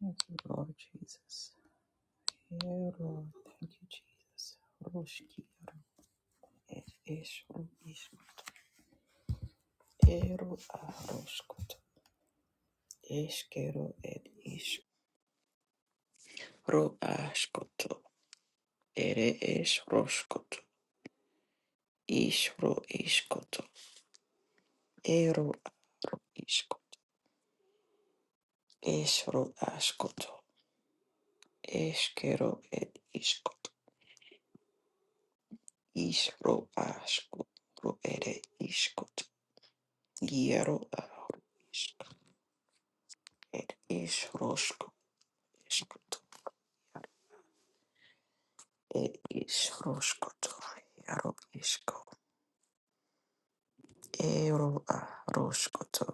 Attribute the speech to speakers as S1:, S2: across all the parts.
S1: Thank you, Lord Jesus. Yeah, Lord. Thank you, Jesus. Roshki yaram et ish ish ero a roshkot eshkero et ish ro ashkoto ere ish roshkoto ish ro ishkoto ero a ro ishkot ish ro ashkoto eshkero et ishkot ish ro ashkot ro ere ishkot yero a ro et ish roshkoto Iškatu, ir išroškatu, jaro iško, ero a roškatu,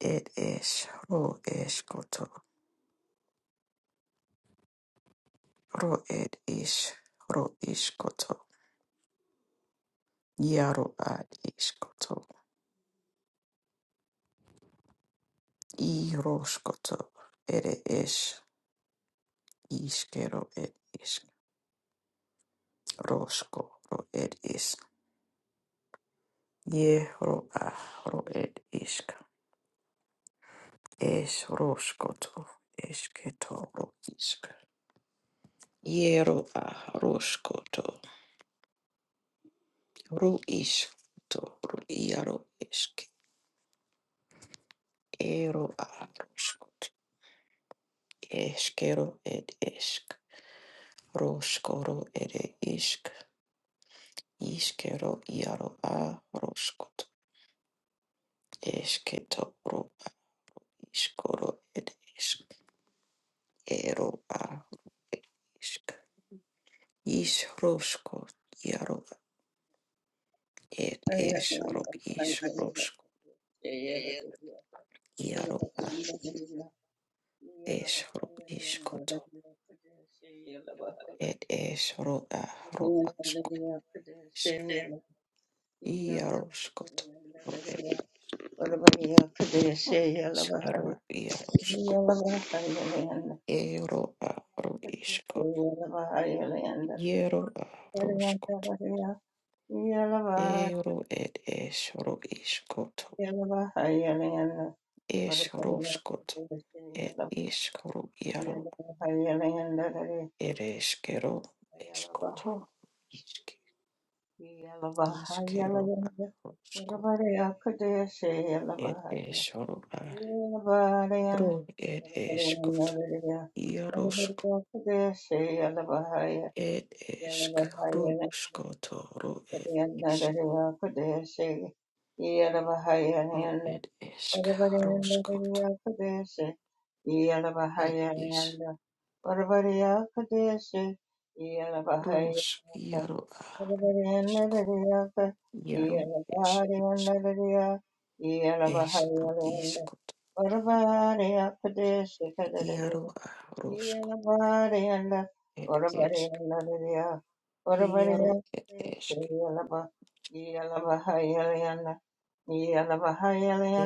S1: ir išro iškatu, ro ir iš, ro iškatu, jaro a iškatu, i roškatu, ir iš, iškero ir iš, roško, ro ir iš, je ro a ro ir iška, iš roškatu, išketo ro iška. Jero a roškoto. Ru iskuto, ru iaro isk, ero aruskut, eskero ed esk, roskoro ere isk, iskero iaro a esketo ru iskoro ed esk, ero a isk, is rosko iaro ed
S2: Yeah.
S1: es ru is rosko iaro a es ru iskoto, ed es ru a ru asko. Iarosko toro eskaro iarosko euro aro isko iero arosko euro ed esro iskoto esroskot ed iskoro
S2: Yeah.
S1: iaro ed eskero eskoto iske iskero arosko ed esro aro ed eskoto iarosko ed eskro skoto ro ed Ro ed esk roskot ed is ros yaro a isk
S2: Yalaba,
S1: yaro es rosk es ro iskot yaro a rosk ed esk yaro ed esk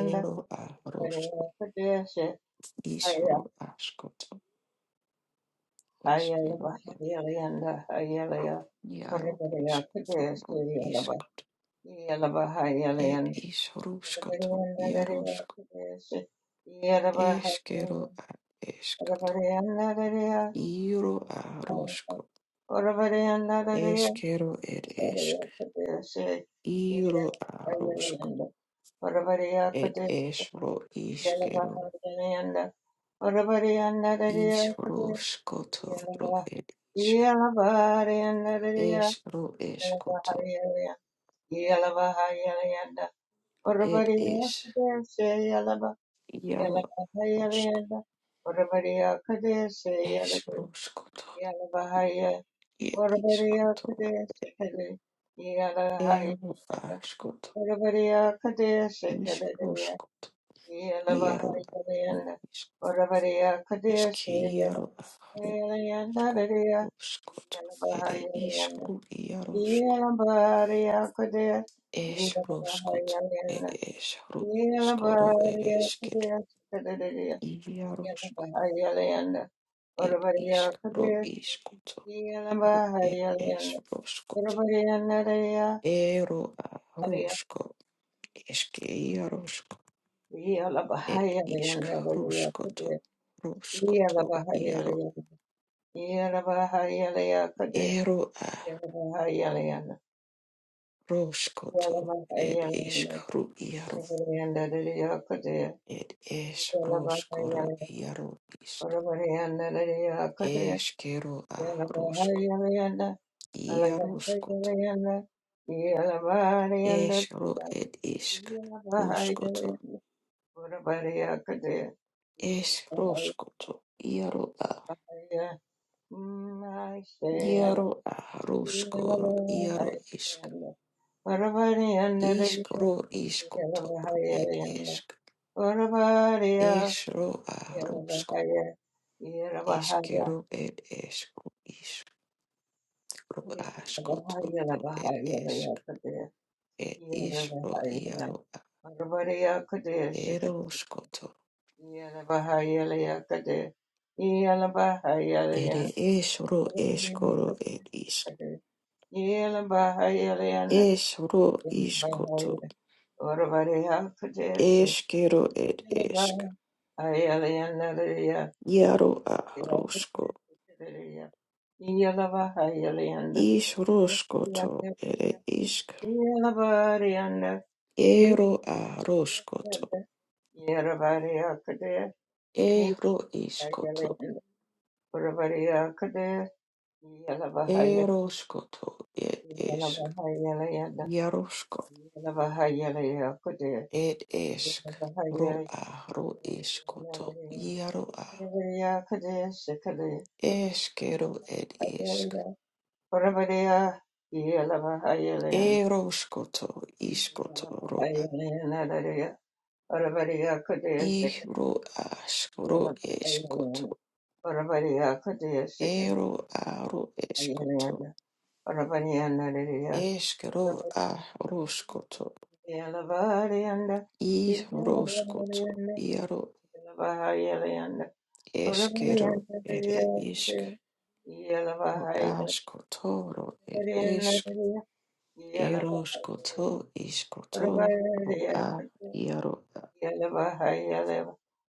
S1: ero a roskot is askot eskero ed yaro eskot ro iskot ed is roskot yarosk eskero a eskot Iro a roskot Eshkero ed esk Iro aroshko ed
S2: Yeah.
S1: eshro ishkero. Ishro shkoto ro ed ishk. Eshro eshkoto ed
S2: Oravaria
S1: esh.
S2: Kadeshe Yalaba
S1: Yaro aroshko.
S2: Yalabahayalanda Oravaria Kadeshe Yalaba
S1: Eshro shkoto
S2: Yalabahaya,
S1: ed
S2: Oravaria
S1: ishkoto.
S2: Kadeshe Kade
S1: Ero
S2: Yalahayalanda
S1: ashkoto.
S2: Oravaria Kadeshe Kade
S1: Ishro shkoto. Yero aro
S2: Yalabahayalanda
S1: ishk.
S2: Oravaria Kadeshe
S1: Eshki yaro aro
S2: Yalanda Daria
S1: shkoto. Ere
S2: Yalabahayalanda
S1: ishro
S2: Yalabaria Kadeshe
S1: Esh roshkot, ed esh
S2: yeah.
S1: roshkoro, ed eshket, iya roshkot, ed ishk, ro ishkoto, ro ed esh roshkot, ero a roshko, eshke iya roshko, ed ishk roshkoto, roshkoto, iaro, ero a roshkoto, ed ishk ru iaro, iaro ishk, a roshko,
S2: Bahaya,
S1: Yarushkot,
S2: Bahaya, Bahaya,
S1: Eshro ed ishk
S2: Bahaya,
S1: ruskoto.
S2: Parvariya Kudaya
S1: Esh ruskoto. Iaro a. Iaro a ruskoro. Iaro ishk. Ishk ro iskoto ro ed ishk. Eshro a rusko. Eskero ed eshro ishk. Ro askoto ro ed ishk. Ed ishro iaro a. Eroskoto.
S2: Yeah,
S1: Ere eshro eskoro ed ishk. Eshro iskoto. Eskero ed esk. Yaro a rosko. Ish roskoto ere isk. Ero a roskoto. Ero iskoto. Eroskoto ed
S2: Yeah.
S1: esk. Yarosko ed esk. Ro a ro iskoto. Yaro a. Eskero ed isk. Eroskoto iskoto ro a. I ro ask ro eskoto. Ero aro escoto, esquero a roscoto, i roscoto, iaro
S2: Ora pariya
S1: esquero,
S2: kudera,
S1: ere isc,
S2: iya lava
S1: ro
S2: ha iya. Ora
S1: ascotoro, ed
S2: pariya
S1: esc,
S2: naderiya, iya lava ha iya.
S1: eroscoto,
S2: Ora
S1: iscoto,
S2: pariya
S1: ro a,
S2: kudera,
S1: iaro a,
S2: iya lava ha iya.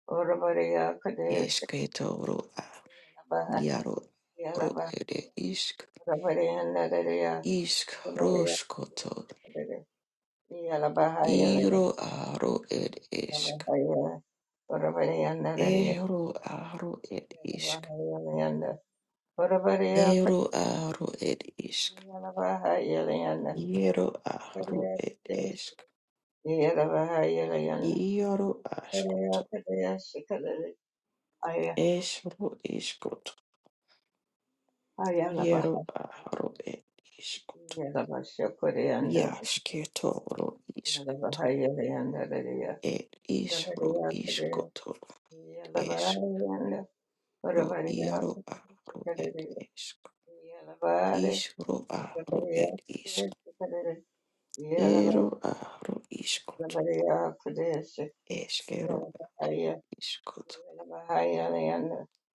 S2: Ora pariya naderiya,
S1: esqueto, ro a, iaro,
S2: iya
S1: ro
S2: lava ha
S1: ere isc,
S2: iya.
S1: isc
S2: Ora pariya
S1: roscoto,
S2: kudera, iya lava ha
S1: iro aro ed esc, ero aro ed isc. Ero aro ed ishk. Iero aro ed ishk.
S2: iya.
S1: Iero
S2: Yeah.
S1: ashkoto. Eshro ishkoto. Iero aro ed ishk. Yashketo ro ishkoto. Ed ishro ishkoto. Eshro iero aro ed ishk. Ishro aro ed ishk. Ero aro ishkoto. Eshkero ishkoto.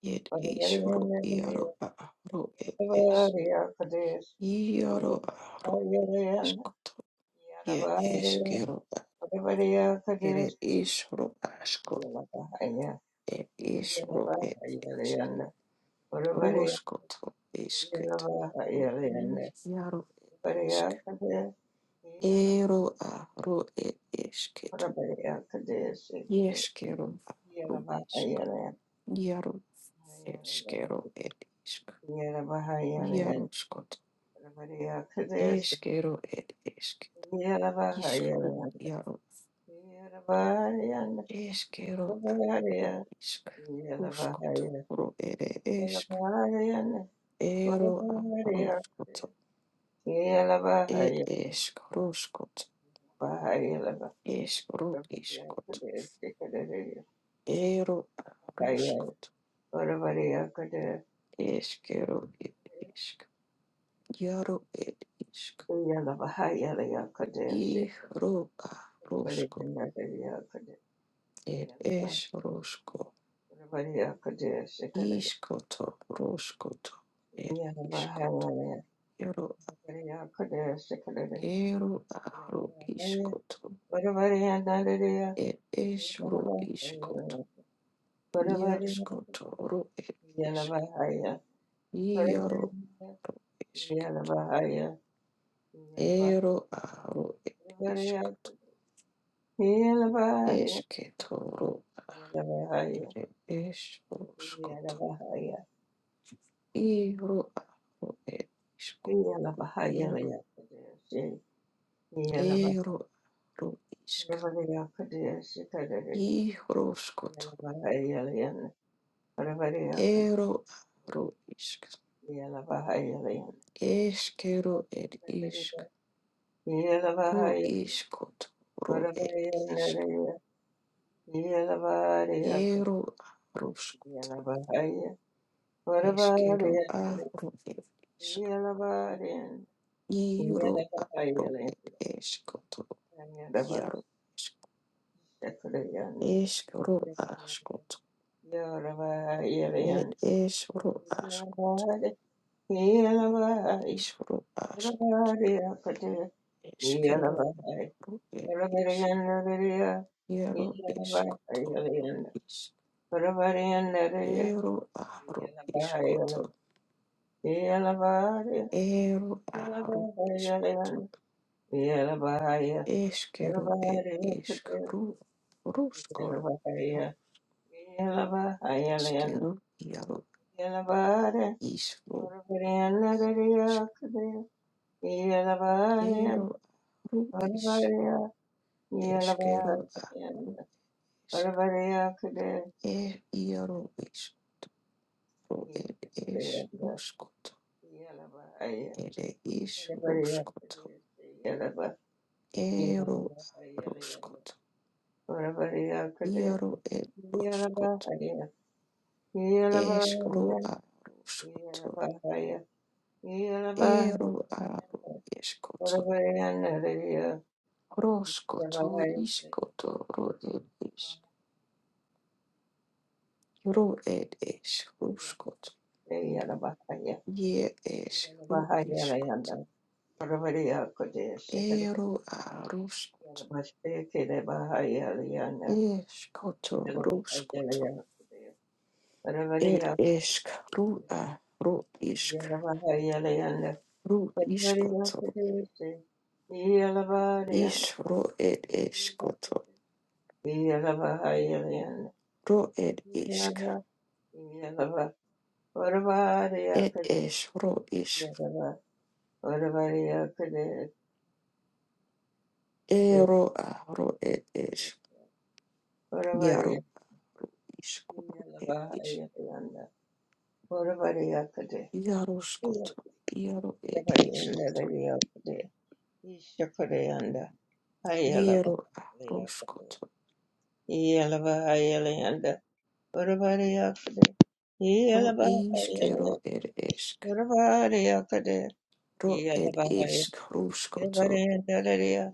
S1: Yet is ro iaro a ro e es. Iaro a ro iskoto. Ye es gero a.
S2: Orubariya Kadesh
S1: Ere is ro asko.
S2: Yalabahaya
S1: E is ro e es.
S2: Yalabahayalayanda Orubariya
S1: Roskoto esketo. Ro
S2: Yalabahayalayanda
S1: iaro e
S2: Orubariya
S1: esk.
S2: Kadesh Yalabahaya
S1: Ero a ro e esketo.
S2: Orubariya Kadesh
S1: Yeskero a ro isk.
S2: Yalabahayalayanda
S1: Iaro eskero e isk. Iaro
S2: Yalabahayalayanda
S1: skoto.
S2: Orubariya Kadesh
S1: Eskero e esk. Iskru
S2: Yalabahayalayanda
S1: iaro
S2: Yalabahayalayanda
S1: eskero aro
S2: Orubariya
S1: isk
S2: Yalabahaya
S1: ruskotoro ere esk
S2: Yalabahayalayanda
S1: ero
S2: Orubariya
S1: ruskoto ed esk ruskot esk ru iskot ero ruskot eskero ed isk iaro ed isk ihro a rusko ed es rusko
S2: Yeah.
S1: iskoto ruskoto ed iskot Ero aro iskoto. Et esro iskoto. Iaskoto ro et esk. Iaro ro esket.
S2: Yeah.
S1: Ero aro et iskoto. Esketo ro ere esro skoto. Iro aro et iskoto. Iaro. Ero aro isk. Ihro skoto. Ero aro isk. Eskero et isk. Ru iskot, ru et isk. Eru a ruskot, eskeru a ru et isk. Iru a ru et eskot,
S2: Yaraba
S1: jaru isk.
S2: Shakurayanda
S1: Eskeru a skot,
S2: Yaraba
S1: et
S2: Yarayan
S1: esru a skot,
S2: Yaraba Yaraba Yaraba
S1: isru a skot,
S2: Yakata
S1: eskeru
S2: Yaraba
S1: a ru et isk.
S2: Yarabarayanda
S1: Jeru iskot, ru isk.
S2: Raya
S1: Eru a ru
S2: Yaraba
S1: iskot,
S2: Yarayanda Yarabarayanda Raya Yaraba Yaraba Yaraba
S1: eru a
S2: Yaraba
S1: ru
S2: Yarayanda
S1: iskot. Eškero
S2: Yaraba Yaraba
S1: ir iškaru, ruskoro,
S2: Yakata Yaraba Yaraba
S1: eškero iero
S2: Yanabare,
S1: išvo,
S2: Orvariyanadarya Kudaya, Yanabare,
S1: eškero aru iš,
S2: Orvariya,
S1: eškero aru
S2: Yanabayanda,
S1: iš,
S2: Orvariya Kudaya,
S1: e iero išvo ir es
S2: Yanabayanda,
S1: ruskoto,
S2: Yanabaya,
S1: ir iš
S2: Orvariya
S1: ruskoto,
S2: Kudaya, Yanaba,
S1: ero
S2: Yanabayanda,
S1: ruskoto,
S2: Orvariya Kudaya,
S1: iero ir ruskoto,
S2: Yanabaya, Yanabaya,
S1: eškro aru ruskoto,
S2: Yanabaya, Yanabaya,
S1: ero aru eskoto
S2: Orvariyanadarya,
S1: Roskoto,
S2: Yanabaya,
S1: iskoto, ro ed ish,
S2: Yeah.
S1: ro ed ish, roskot, ye ish, ro iskot, ero a roskot, iskoto, roskoto, ed isk, ru a ro isk, ru iskoto, ish ro ed iskoto, ro ed isk, ed ish, ro isk, ero a ro ed ish, yaro isk, ro ed ish.
S2: Yalabahayalanda. Poravariyakade.
S1: Yaroskoto, Yaro er iskoto,
S2: Poravariyandadadiyakade. Ishakariyanda.
S1: Yero
S2: Hayalabahayalakade.
S1: aroskoto,
S2: Yalabahayalayanda. Poravariyakade.
S1: Ro
S2: Yalabahayalayanda.
S1: iskero er esk,
S2: Poravariyakade.
S1: Ro er
S2: Yalabahaya-
S1: isk roskoto,
S2: Poravariyandadadiya.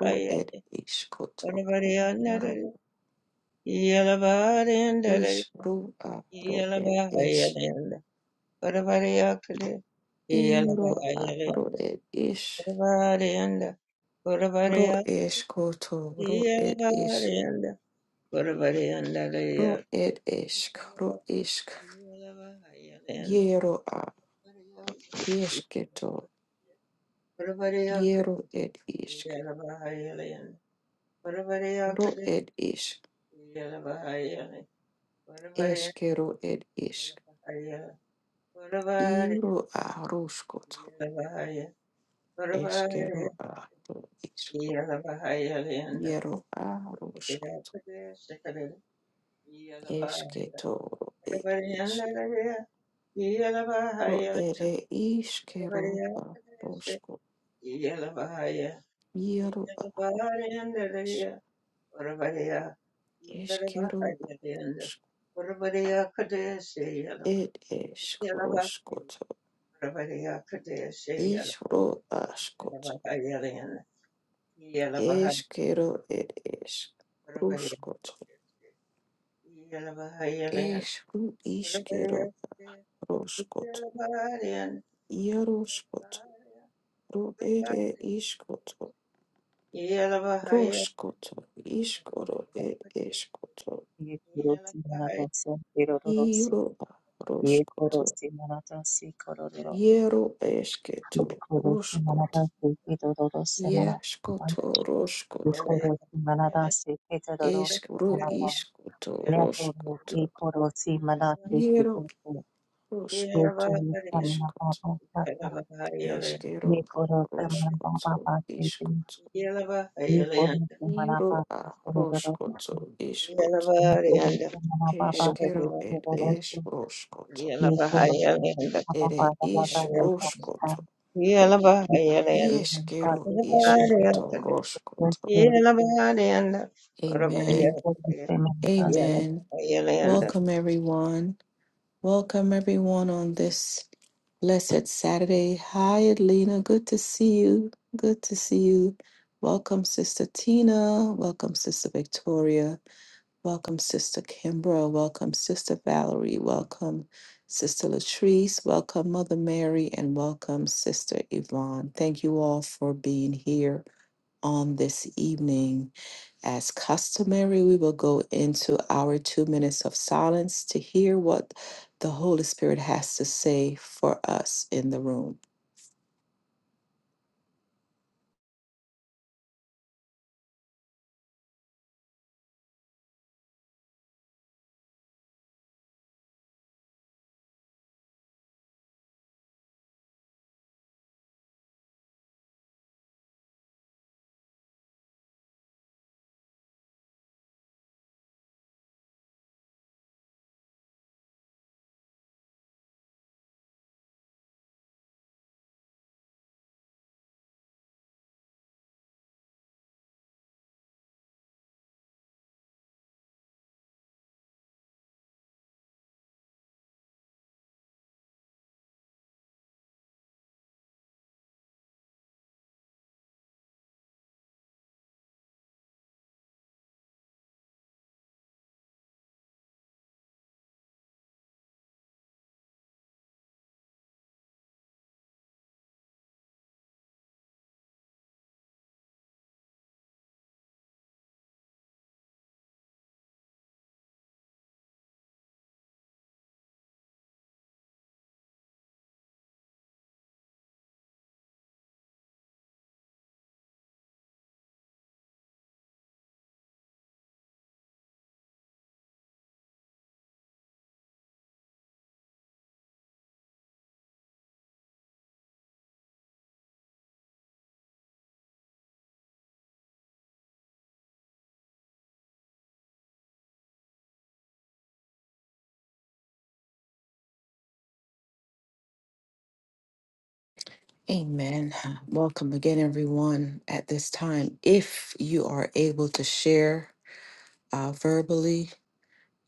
S1: Ro er iskoto, Ro Yaro
S2: Poravariyandadadiya.
S1: is
S2: Yalabahariyandadadiya.
S1: ro a ro er is,
S2: Yalabahayalayanda. Korabariyakade,
S1: Iro a ro
S2: Iyalabariyanda,
S1: er is,
S2: Korabariyanda,
S1: Ro
S2: Korabariyak,
S1: eskoto, Ro er is,
S2: Iyalabariyanda, Korabariyanda,
S1: Ro
S2: Iyalabariyanda,
S1: er esk, Ro isk, Yero a yesketo,
S2: Korabariyakade,
S1: Yero er isk,
S2: Iyalabariyanda,
S1: Ro
S2: Korabariyakade,
S1: er isk.
S2: Iyalabariyanda, Korabariyanda, Korabari, Iyalabariyanda, Korabari, Iyalabariyanda, Korabari,
S1: Eskero ed isk.
S2: Iyalabariyanda,
S1: Iro aroskoto. Eskero aro isko. Iero aroskoto.
S2: korabari, iyalabariyanda,
S1: Esketo ed
S2: Yeah.
S1: isk. Ro ere iskero arosko. Iero ask. Eskero arosko. Ed esk roskoto. Isro askoto. Eskero ed isk. Roskoto. Esru iskero roskoto. Jaroškot, ru ere iskoto,
S2: Yeah.
S1: roskoto, iskoro e eskoto,
S3: Ye korosi manatasi kirororosi.
S1: iro a
S3: Ye
S1: roskoto,
S3: korosi manatasi korororo.
S1: iero
S3: Ye
S1: esketo,
S3: korosi
S1: roskoto,
S3: manatasi kirororosi manatasi.
S1: ieskoto,
S3: Ye
S1: roskoto,
S3: korosi manatasi
S1: esk
S3: kirororosi
S1: ro
S3: manatasi.
S1: iskoto,
S3: Ye koro ye
S1: roskoto,
S3: korosi manatasi
S1: iero
S3: kirororosi. Ye
S1: roskoto,
S3: korosi
S1: iskoto,
S3: manatasi
S1: eskero
S3: Ye
S1: a
S3: korosi
S1: roskoto,
S3: manatasi kirororosi.
S1: iskoto,
S2: yeah,
S3: Ye korosi
S1: iro a
S3: manatasi kirororosi. Ye
S1: roskoto, iskoto,
S3: korosi manatasi
S1: eskero e
S3: kirororosi.
S1: es roskoto.
S3: Yes, Lord, we Abba Father,
S1: ere
S3: Mother,
S1: ish
S3: we thank
S1: roshkoto.
S3: you follow the healing, God,
S1: Yeshkero
S3: we thank
S2: yeah.
S1: ishkato
S3: first
S1: roshkoto.
S3: day, we thank
S2: Hello,
S3: you
S1: Amen.
S3: for the problem statement of
S1: Amen. Welcome everyone. Welcome everyone on this blessed Saturday. Hi Adelina, good to see you. Good to see you. Welcome Sister Tina. Welcome Sister Victoria. Welcome, Sister Kimbra. Welcome, Sister Valerie. Welcome, Sister Latrice. Welcome, Mother Mary. And welcome, Sister Yvonne. Thank you all for being here on this evening. As customary, we will go into our two minutes of silence to hear what the Holy Spirit has to say for us in the room. Amen. Welcome again, everyone. At this time, if you are able to share uh, verbally,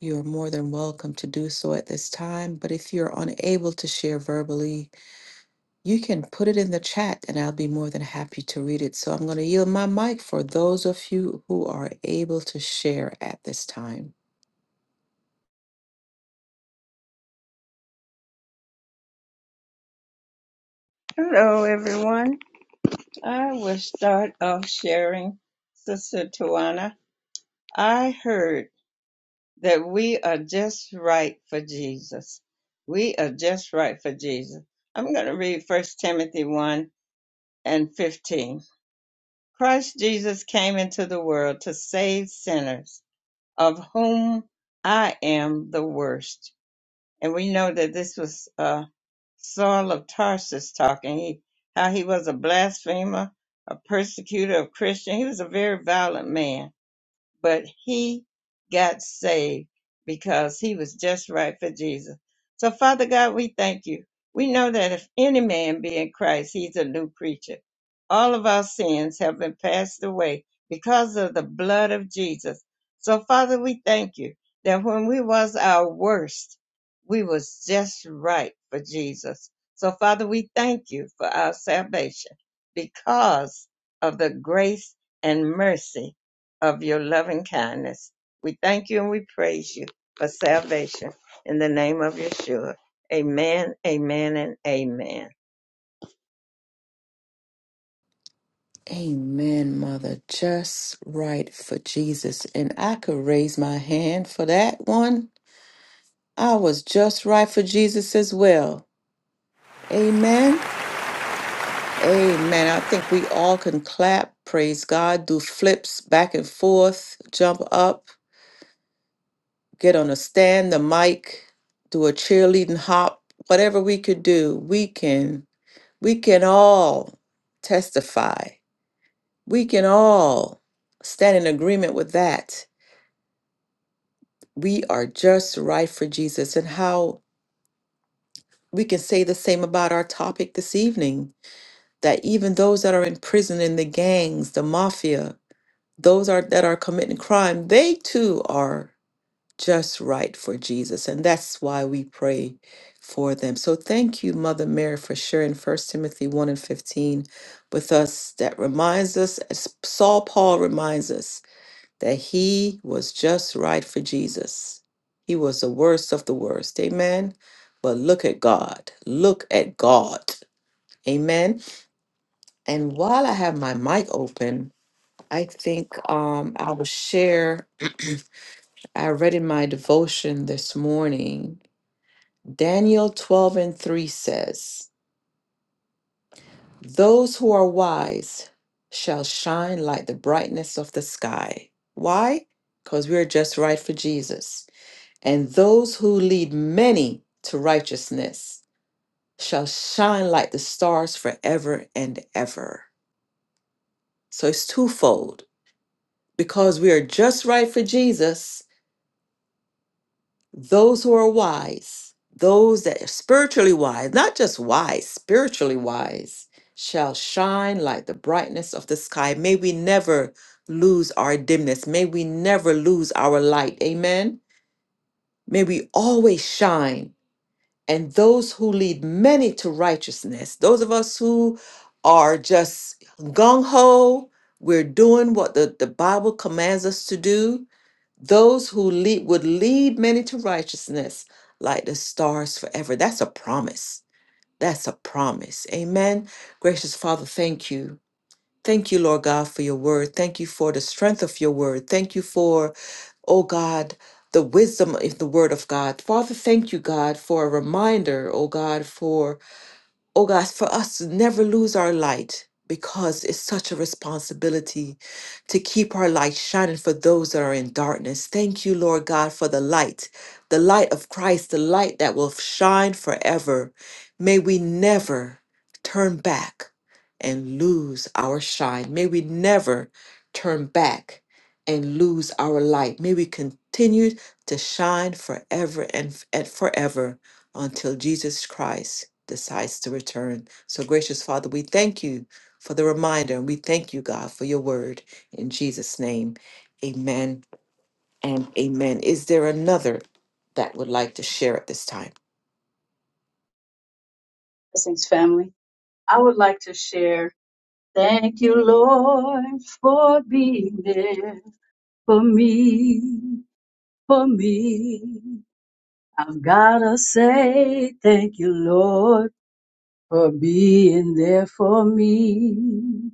S1: you're more than welcome to do so at this time. But if you're unable to share verbally, you can put it in the chat and I'll be more than happy to read it. So I'm going to yield my mic for those of you who are able to share at this time.
S2: everyone. I will start off sharing, Sister Tawana. I heard that we are just right for Jesus. We are just right for Jesus. I'm going to read First Timothy 1 and 15. Christ Jesus came into the world to save sinners, of whom I am the worst. And we know that this was uh, Saul of Tarsus talking. He, how he was a blasphemer, a persecutor of Christians. He was a very violent man but he got saved because he was just right for Jesus. So, Father God, we thank you. We know that if any man be in Christ, he's a new creature. All of our sins have been passed away because of the blood of Jesus. So, Father, we thank you that when we was our worst, we was just right for Jesus. So, Father, we thank you for our salvation because of the grace and mercy of your loving kindness. We thank you and we praise you for salvation in the name of Yeshua. Amen, amen, and amen.
S1: Amen, Mother. Just right for Jesus. And I could raise my hand for that one. I was just right for Jesus as well. Amen. Amen. I think we all can clap, praise God, do flips back and forth, jump up, get on a stand, the mic, do a cheerleading hop, whatever we could do, we can we can all testify. We can all stand in agreement with that. We are just right for Jesus and how we can say the same about our topic this evening that even those that are in prison in the gangs, the mafia, those are that are committing crime, they too are just right for Jesus, and that's why we pray for them. So thank you, Mother Mary, for sharing First Timothy one and fifteen with us. That reminds us, as Saul Paul reminds us, that he was just right for Jesus. He was the worst of the worst. Amen. But look at God. Look at God. Amen. And while I have my mic open, I think um, I will share. I read in my devotion this morning, Daniel 12 and 3 says, Those who are wise shall shine like the brightness of the sky. Why? Because we're just right for Jesus. And those who lead many to righteousness shall shine like the stars forever and ever. So it's twofold. Because we are just right for Jesus, those who are wise, those that are spiritually wise, not just wise, spiritually wise, shall shine like the brightness of the sky. May we never lose our dimness. May we never lose our light. Amen. May we always shine. And those who lead many to righteousness, those of us who are just gung ho, we're doing what the, the Bible commands us to do those who lead would lead many to righteousness like the stars forever. That's a promise. That's a promise. Amen. Gracious Father, thank you. Thank you, Lord God, for your word. Thank you for the strength of your word. Thank you for, oh God, the wisdom of the word of God. Father, thank you, God, for a reminder, oh God, for oh God, for us to never lose our light because it's such a responsibility to keep our light shining for those that are in darkness. Thank you, Lord God, for the light, the light of Christ, the light that will shine forever. May we never turn back and lose our shine. May we never turn back and lose our light. May we continue to shine forever and, and forever until Jesus Christ decides to return. So, gracious Father, we thank you for the reminder and we thank you, God, for your word. In Jesus' name, amen and amen. Is there another that would like to share at this time?
S4: Blessings, family. I would like to share. Thank you, Lord, for being there for me, for me. I've gotta say thank you, Lord, for being there for me.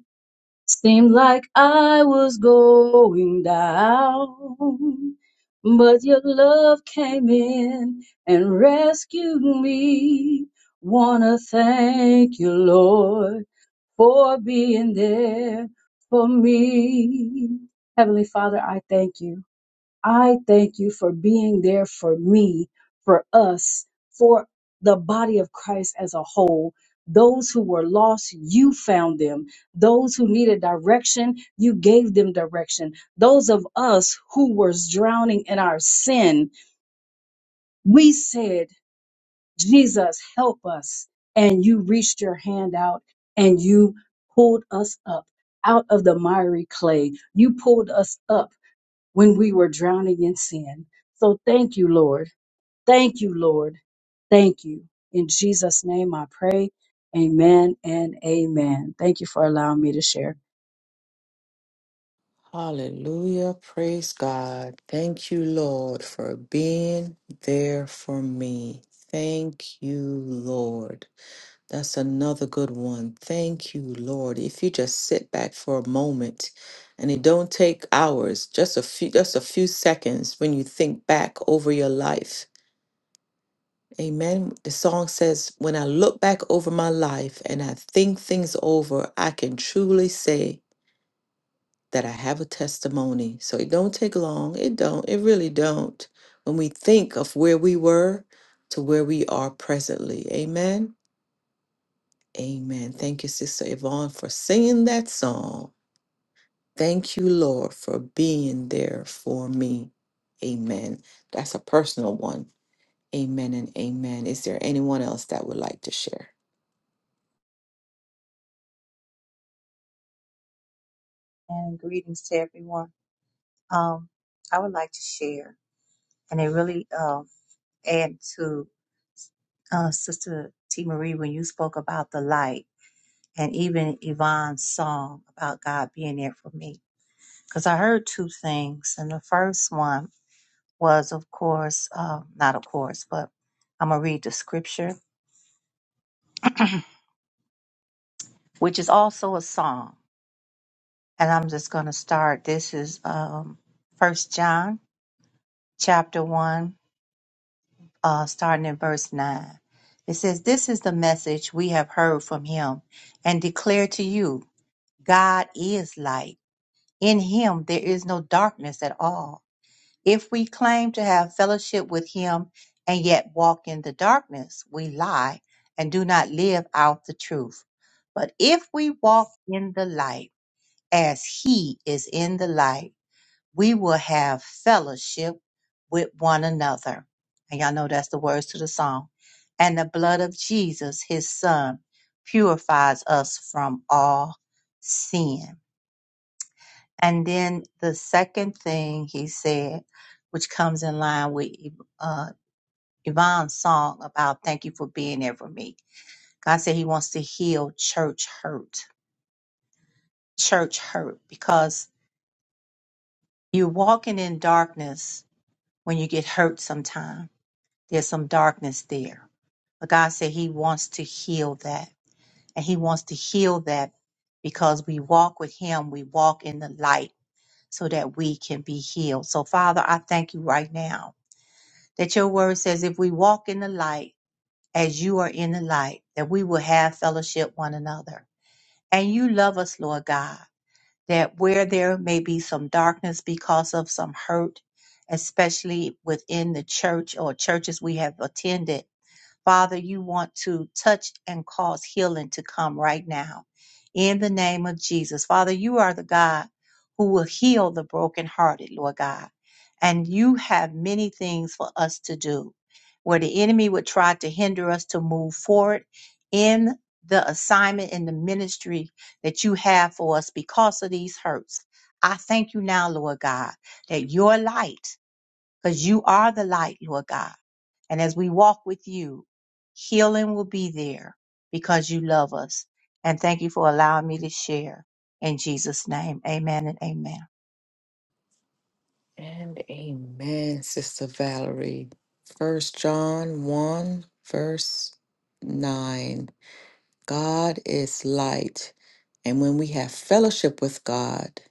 S4: Seemed like I was going down, but your love came in and rescued me. Wanna thank you, Lord. for being there for me. Heavenly Father, I thank you. I thank you for being there for me, for us, for the body of Christ as a whole. Those who were lost, you found them. Those who needed direction, you gave them direction. Those of us who were drowning in our sin, we said, Jesus, help us. And you reached your hand out and you pulled us up out of the miry clay. You pulled us up when we were drowning in sin. So thank you, Lord. Thank you, Lord. Thank you. In Jesus' name I pray. Amen and amen. Thank you for allowing me to share.
S1: Hallelujah. Praise God. Thank you, Lord, for being there for me. Thank you, Lord. That's another good one. Thank you, Lord. If you just sit back for a moment and it don't take hours, just a few just a few seconds when you think back over your life. Amen. The song says, "When I look back over my life and I think things over, I can truly say that I have a testimony." So it don't take long. It don't. It really don't. When we think of where we were to where we are presently. Amen. Amen. Thank you, Sister Yvonne, for singing that song. Thank you, Lord, for being there for me. Amen. That's a personal one. Amen and amen. Is there anyone else that would like to share?
S3: And greetings to everyone. Um, I would like to share, and it really um add to uh, Sister T. Marie when you spoke about the light, and even Yvonne's song about God being there for me. Because I heard two things, and the first one was, of course, uh, not of course, but I'm gonna read the scripture which is also a song. And I'm just going to start. This is um, 1 John chapter 1, uh, starting in verse 9. It says, This is the message we have heard from him and declare to you God is light. In him there is no darkness at all. If we claim to have fellowship with him and yet walk in the darkness, we lie and do not live out the truth. But if we walk in the light, as he is in the light, we will have fellowship with one another. And y'all know that's the words to the song. And the blood of Jesus, his son, purifies us from all sin. And then the second thing he said, which comes in line with E, uh, Yvonne's song about thank you for being there for me. God said he wants to heal church hurt, church hurt, because you're walking in darkness when you get hurt sometime. There's some darkness there. But God said He wants to heal that. And He wants to heal that because we walk with Him, we walk in the light so that we can be healed. So, Father, I thank you right now that your word says if we walk in the light as you are in the light, that we will have fellowship one another. And you love us, Lord God that where there may be some darkness because of some hurt, especially within the church or churches we have attended, Father, you want to touch and cause healing to come right now in the name of Jesus. Father, you are the God who will heal the brokenhearted, Lord God. And you have many things for us to do where the enemy would try to hinder us to move forward in the assignment and the ministry that you have for us because of these hurts. I thank you now, Lord God, that your light, because you are the light, Lord God and as we walk with you, healing will be there because you love us. And thank you for allowing me to share. In Jesus' name, amen and amen.
S1: And amen, Sister Valerie. First John 1, verse 9. God is light. And when we have fellowship with God,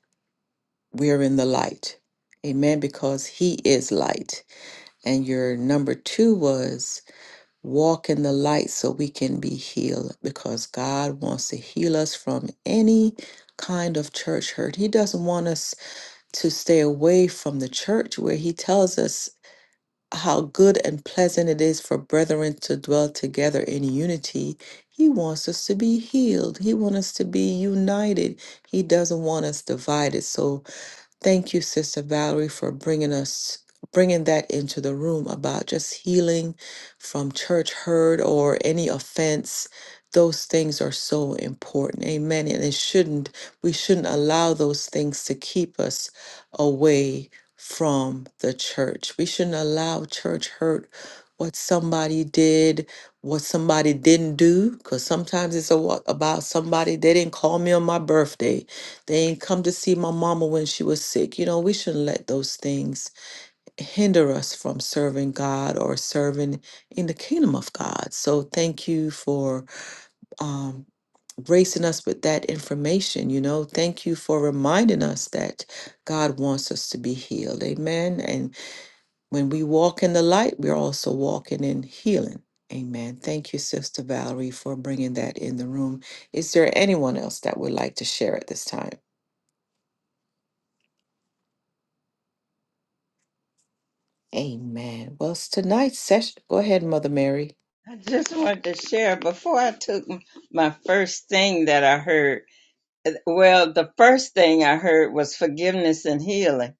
S1: we are in the light. Amen. Because He is light. And your number two was walk in the light so we can be healed. Because God wants to heal us from any kind of church hurt. He doesn't want us to stay away from the church where He tells us how good and pleasant it is for brethren to dwell together in unity. He wants us to be healed. He wants us to be united. He doesn't want us divided. So Thank you, Sister Valerie, for bringing us bringing that into the room about just healing from church hurt or any offense. Those things are so important. Amen. And it shouldn't we shouldn't allow those things to keep us away from the church. We shouldn't allow church hurt what somebody did, what somebody didn't do, because sometimes it's a, about somebody, they didn't call me on my birthday they ain't come to see my mama when she was sick. You know, we shouldn't let those things hinder us from serving God or serving in the kingdom of God. So thank you for um, gracing us with that information. You know, thank you for reminding us that God wants us to be healed. Amen. And when we walk in the light, we're also walking in healing. Amen. Thank you, Sister Valerie, for bringing that in the room. Is there anyone else that would like to share at this time? Amen. Well, it's tonight's session. Go ahead, Mother Mary.
S2: I just wanted to share before I took m- my first thing that I heard. well, the first thing I heard was forgiveness and healing.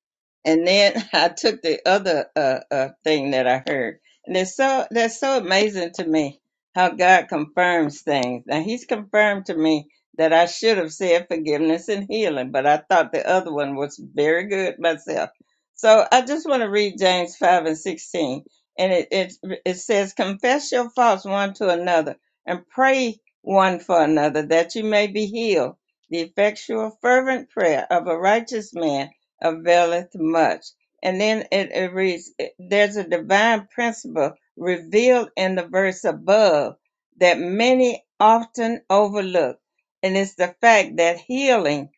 S2: And then I took the other uh, uh, thing that I heard. And it's so, that's so amazing to me how God confirms things. Now, He's confirmed to me that I should have said forgiveness and healing, but I thought the other one was very good myself. So I just want to read James 5 and 16. And it, it, it says, Confess your faults one to another and pray one for another that you may be healed the effectual fervent prayer of a righteous man availeth much. And then it, it reads, there's a divine principle revealed in the verse above that many often overlook. And it's the fact that healing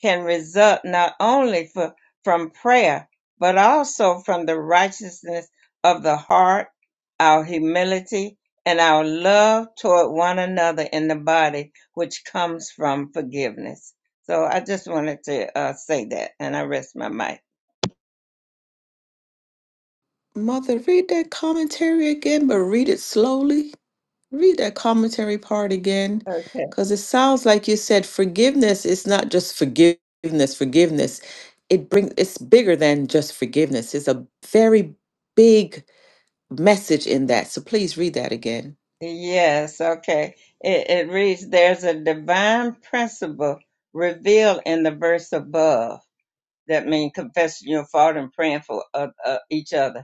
S2: can result not only for, from prayer, but also from the righteousness of the heart, our humility, and our love toward one another in the body which comes from forgiveness. So I just wanted to uh, say that, and I rest my mic.
S1: Mother, read that commentary again, but read it slowly. Read that commentary part again,
S2: Okay.
S1: because it sounds like you said forgiveness is not just forgiveness, forgiveness. It brings it's bigger than just forgiveness. It's a very big message in that. So please read that again.
S2: Yes, okay. It, it reads There's a divine principle revealed in the verse above That means confessing your fault and praying for uh, uh, each other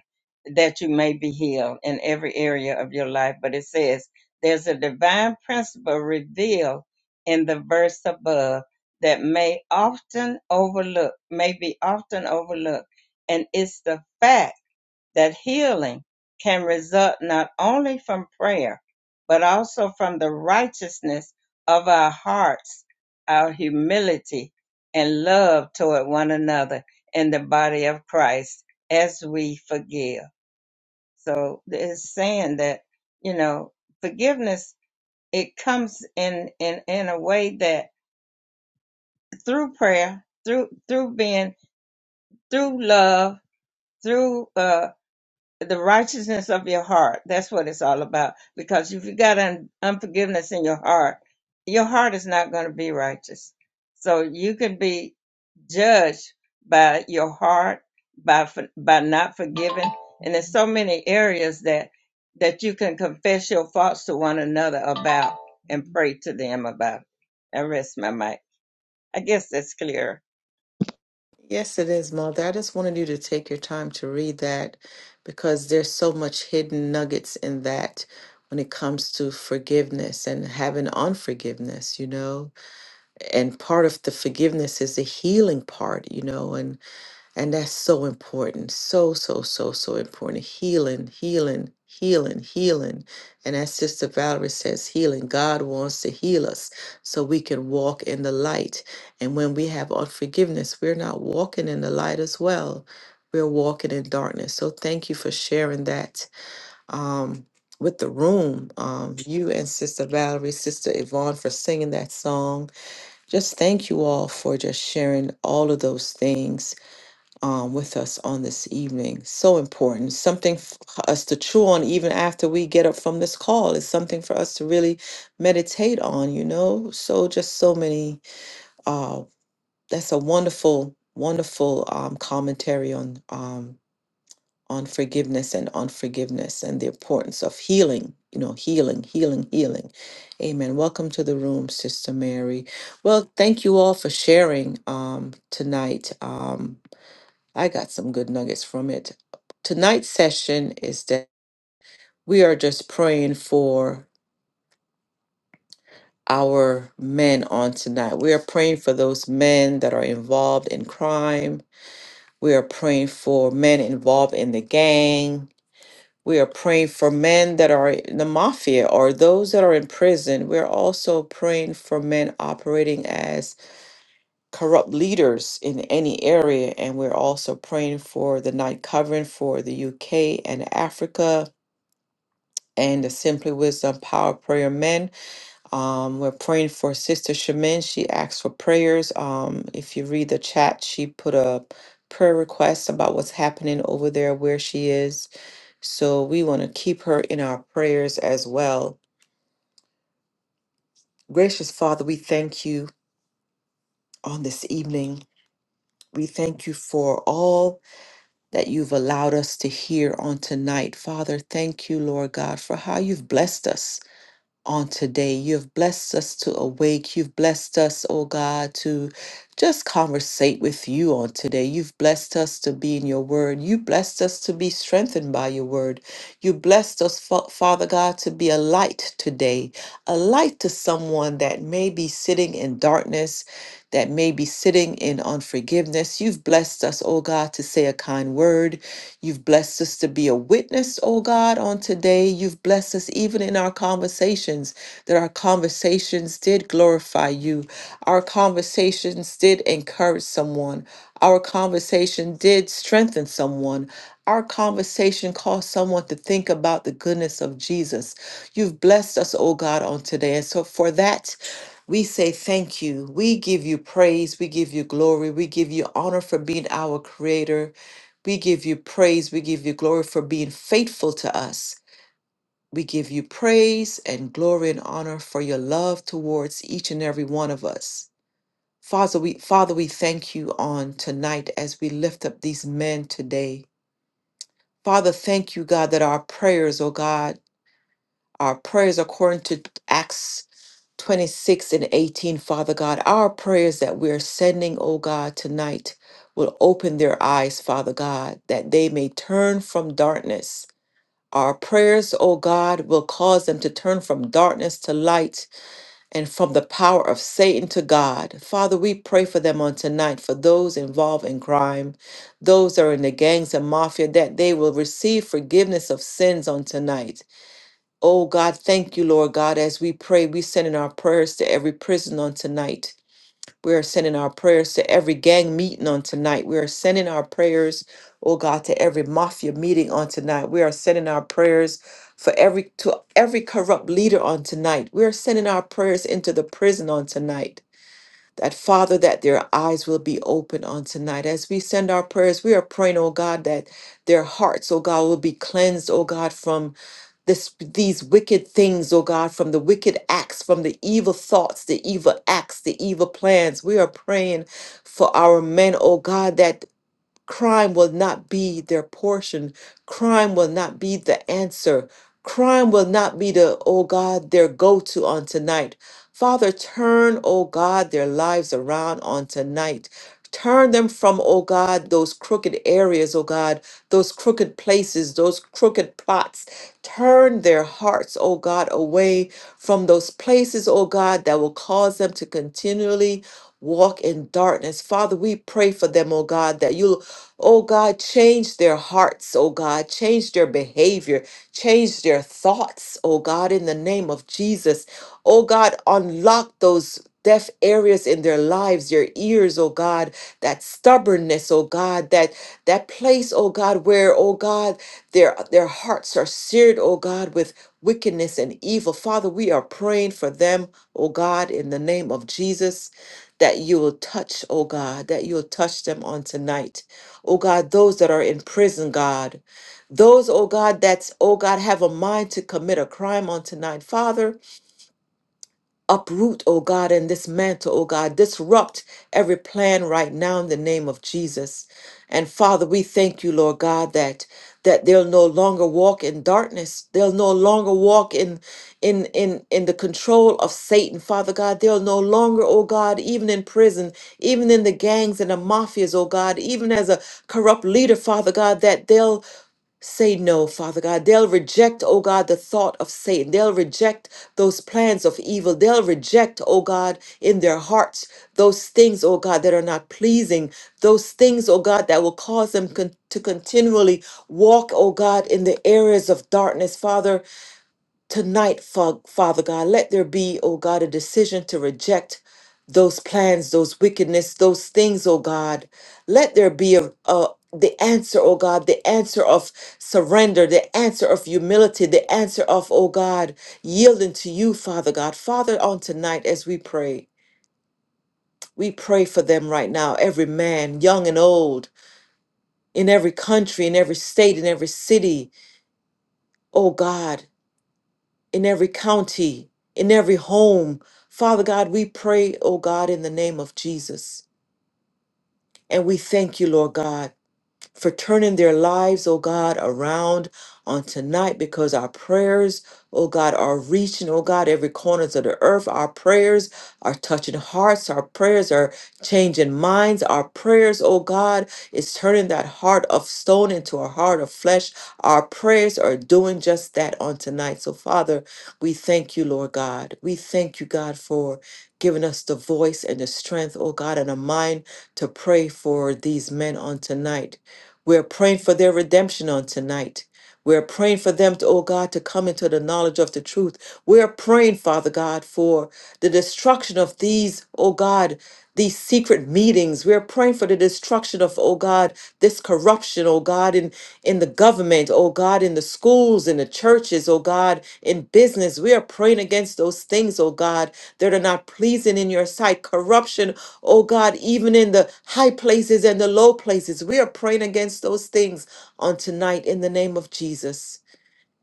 S2: that you may be healed in every area of your life. But it says there's a divine principle revealed in the verse above that may often overlook, may be often overlooked, and it's the fact that healing can result not only from prayer, but also from the righteousness of our hearts, our humility, and love toward one another in the body of Christ as we forgive. So it's saying that, you know, forgiveness, it comes in, in, in a way that through prayer, through, through being, through love, through, uh, the righteousness of your heart. That's what it's all about. Because if you got un- unforgiveness in your heart, your heart is not going to be righteous. So you can be judged by your heart, by for- by not forgiving, and there's so many areas that that you can confess your faults to one another about and pray to them about. I rest my mic. I guess that's clear.
S1: Yes, it is, Mother. I just wanted you to take your time to read that because there's so much hidden nuggets in that when it comes to forgiveness and having unforgiveness, you know. And part of the forgiveness is the healing part, you know, and And that's so important. So, so, so, so important. Healing, healing, healing, healing. And as Sister Valerie says, healing. God wants to heal us so we can walk in the light. And when we have unforgiveness, we're not walking in the light as well. We're walking in darkness. So thank you for sharing that um, with the room. Um, you and Sister Valerie, Sister Yvonne for singing that song. Just thank you all for just sharing all of those things um, with us on this evening. So important. Something f- for us to chew on even after we get up from this call. It's something for us to really meditate on, you know? So, just so many. Uh, that's a wonderful, wonderful um, commentary on. Um, on forgiveness and unforgiveness and the importance of healing, you know, healing, healing, healing. Amen. Welcome to the room, Sister Mary. Well, thank you all for sharing um, tonight. Um, I got some good nuggets from it. Tonight's session is that we are just praying for our men on tonight. We are praying for those men that are involved in crime. We are praying for men involved in the gang. We are praying for men that are in the mafia or those that are in prison. We're also praying for men operating as corrupt leaders in any area. And we're also praying for the night covering for the UK and Africa. and the Simply Wisdom Power Prayer Men. Um, we're praying for Sister Shemin. She asked for prayers. Um, if you read the chat, she put a prayer request about what's happening over there where she is. So we want to keep her in our prayers as well. Gracious Father, we thank you on this evening. We thank you for all that you've allowed us to hear on tonight. Father, thank you, Lord God, for how you've blessed us. on today. You have blessed us to awake. You've blessed us, oh God, to just conversate with you on today. You've blessed us to be in your word. You blessed us to be strengthened by your word. You blessed us, Fa- Father God, to be a light today, a light to someone that may be sitting in darkness that may be sitting in unforgiveness. You've blessed us, oh God, to say a kind word. You've blessed us to be a witness, oh God, on today. You've blessed us even in our conversations, that our conversations did glorify you. Our conversations did encourage someone. Our conversation did strengthen someone. Our conversation caused someone to think about the goodness of Jesus. You've blessed us, oh God, on today. And so for that, we say thank you. We give you praise. We give you glory. We give you honor for being our creator. We give you praise. We give you glory for being faithful to us. We give you praise and glory and honor for your love towards each and every one of us. Father, we Father, we thank you on tonight as we lift up these men today. Father, thank you, God, that our prayers, oh God, our prayers according to Acts 26 and 18, Father God. Our prayers that we're sending, oh God, tonight will open their eyes, Father God, that they may turn from darkness. Our prayers, oh God, will cause them to turn from darkness to light and from the power of Satan to God. Father, we pray for them on tonight, for those involved in crime, those that are in the gangs and mafia, that they will receive forgiveness of sins on tonight Oh God, thank you, Lord God. As we pray, we sending our prayers to every prison on tonight. We are sending our prayers to every gang meeting on tonight. We are sending our prayers, oh God, to every mafia meeting on tonight. We are sending our prayers for every to every corrupt leader on tonight. We are sending our prayers into the prison on tonight. That Father, that their eyes will be open on tonight. As we send our prayers, we are praying, oh God, that their hearts, oh God, will be cleansed, oh God, from this, these wicked things, oh God, from the wicked acts, from the evil thoughts, the evil acts, the evil plans. We are praying for our men, oh God, that Crime will not be their portion. Crime will not be the answer. Crime will not be the, oh God, their go to on tonight. Father, turn, oh God, their lives around on tonight. Turn them from, oh God, those crooked areas, oh God, those crooked places, those crooked plots. Turn their hearts, oh God, away from those places, oh God, that will cause them to continually walk in darkness. Father, we pray for them, oh God, that you'll Oh God, change their hearts, oh God, change their behavior, change their thoughts, oh God, in the name of Jesus. Oh God, unlock those deaf areas in their lives, their ears, oh God, that stubbornness, oh God, that that place, oh God, where, oh God, their their hearts are seared, oh God, with wickedness and evil. Father, we are praying for them, oh God, in the name of Jesus, that you will touch, oh God, that you'll touch them on tonight oh God, those that are in prison, God. Those, oh God, that's, oh God, have a mind to commit a crime on tonight. Father, uproot, oh God, and dismantle, oh God, disrupt every plan right now in the name of Jesus. And Father, we thank you, Lord God, that that they'll no longer walk in darkness. They'll no longer walk in in in in the control of Satan, Father God. They'll no longer, oh God, even in prison, even in the gangs and the mafias, oh God, even as a corrupt leader, Father God, that they'll Say no, Father God. They'll reject, oh God, the thought of Satan. They'll reject those plans of evil. They'll reject, oh God, in their hearts those things, oh God, that are not pleasing. Those things, oh God, that will cause them con- to continually walk, oh God, in the areas of darkness. Father, Tonight, Fa- Father God, let there be, oh God, a decision to reject those plans, those wickedness, those things, oh God. Let there be a, a the answer, oh God, the answer of surrender, the answer of humility, the answer of, oh God, yielding to you, Father God. Father, on tonight as we pray, we pray for them right now, every man, young and old, in every country, in every state, in every city, oh God. in every county, in every home. Father God, we pray, oh God, in the name of Jesus. And we thank you, Lord God for turning their lives, oh God, around on tonight because our prayers, oh God, are reaching, oh God, every corners of the earth. Our prayers are touching hearts. Our prayers are changing minds. Our prayers, oh God, is turning that heart of stone into a heart of flesh. Our prayers are doing just that on tonight. So, Father, we thank you, Lord God. We thank you, God, for giving us the voice and the strength, oh God, and a mind to pray for these men on tonight. We're praying for their redemption on tonight. We're praying for them, to, oh God, to come into the knowledge of the truth. We're praying, Father God, for the destruction of these, oh God, these secret meetings. We're praying for the destruction of, oh God, this corruption, oh God, in, in the government, oh God, in the schools, in the churches, oh God, in business. We are praying against those things, oh God, that are not pleasing in your sight. Corruption oh God, even in the high places and the low places. We are praying against those things on tonight in the name of Jesus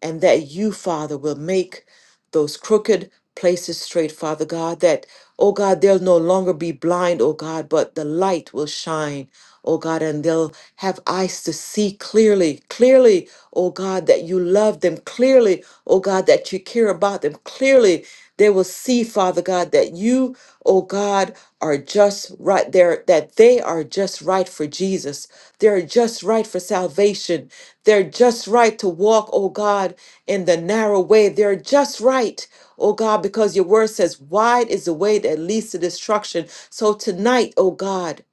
S1: and that you, Father, will make those crooked places straight, Father God, that, oh God, they'll no longer be blind, oh God, but the light will shine, oh God, and they'll have eyes to see clearly, clearly, oh God, that you love them, clearly, oh God, that you care about them, clearly. They will see, Father God, that you, oh God, are just right there, that they are just right for Jesus. They're just right for salvation. They're just right to walk, oh God, in the narrow way. They're just right, oh God, because your word says, wide is the way that leads to destruction. So tonight, oh God,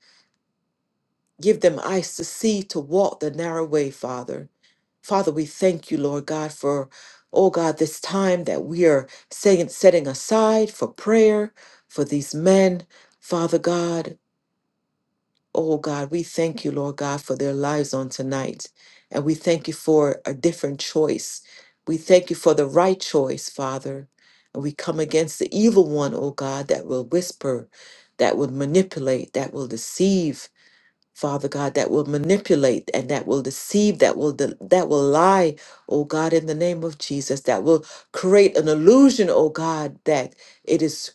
S1: give them eyes to see to walk the narrow way, Father. Father, we thank you, Lord God, for, oh God, this time that we are setting, setting aside for prayer for these men, Father God. Oh God, we thank you, Lord God, for their lives on tonight. And we thank you for a different choice. We thank you for the right choice, Father. And we come against the evil one, oh God, that will whisper, that will manipulate, that will deceive, Father God, that will manipulate and that will deceive, that will de- that will lie, oh God, in the name of Jesus, that will create an illusion, oh God, that it is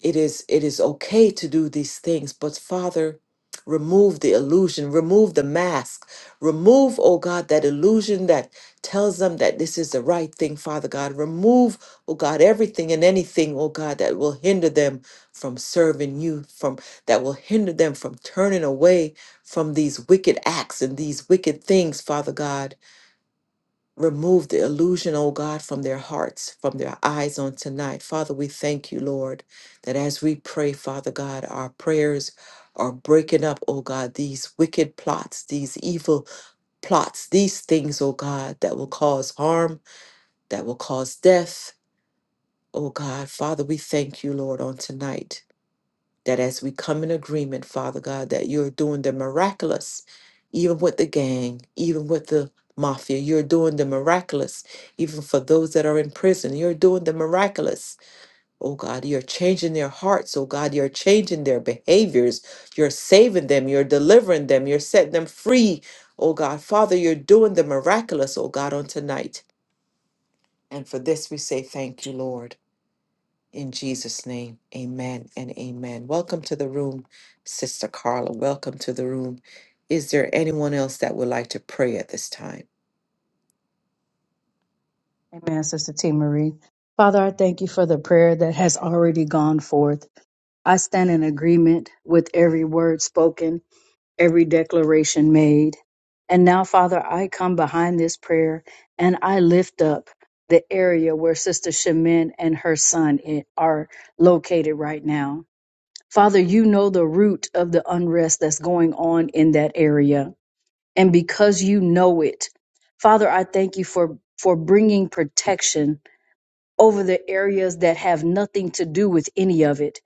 S1: it is it is okay to do these things but father remove the illusion remove the mask remove oh god that illusion that tells them that this is the right thing father god remove oh god everything and anything oh god that will hinder them from serving you from that will hinder them from turning away from these wicked acts and these wicked things father god Remove the illusion, oh God, from their hearts, from their eyes on tonight. Father, we thank you, Lord, that as we pray, Father God, our prayers are breaking up, oh God, these wicked plots, these evil plots, these things, oh God, that will cause harm, that will cause death, oh God. Father, we thank you, Lord, on tonight that as we come in agreement, Father God, that you're doing the miraculous, even with the gang, even with the mafia, you're doing the miraculous, even for those that are in prison, you're doing the miraculous. Oh God, you're changing their hearts. Oh God, you're changing their behaviors. You're saving them. You're delivering them. You're setting them free. Oh God, Father, you're doing the miraculous, oh God, on tonight. And for this we say thank you, Lord. In Jesus' name, amen and amen. Welcome to the room, Sister Carla. Welcome to the room. Is there anyone else that would like to pray at this time?
S4: Amen, Sister T. Marie. Father, I thank you for the prayer that has already gone forth. I stand in agreement with every word spoken every declaration made. And now, Father, I come behind this prayer and I lift up the area where Sister Shemin and her son i- are located right now. Father, you know the root of the unrest that's going on in that area. And because you know it, Father, I thank you for, for bringing protection over the areas that have nothing to do with any of it.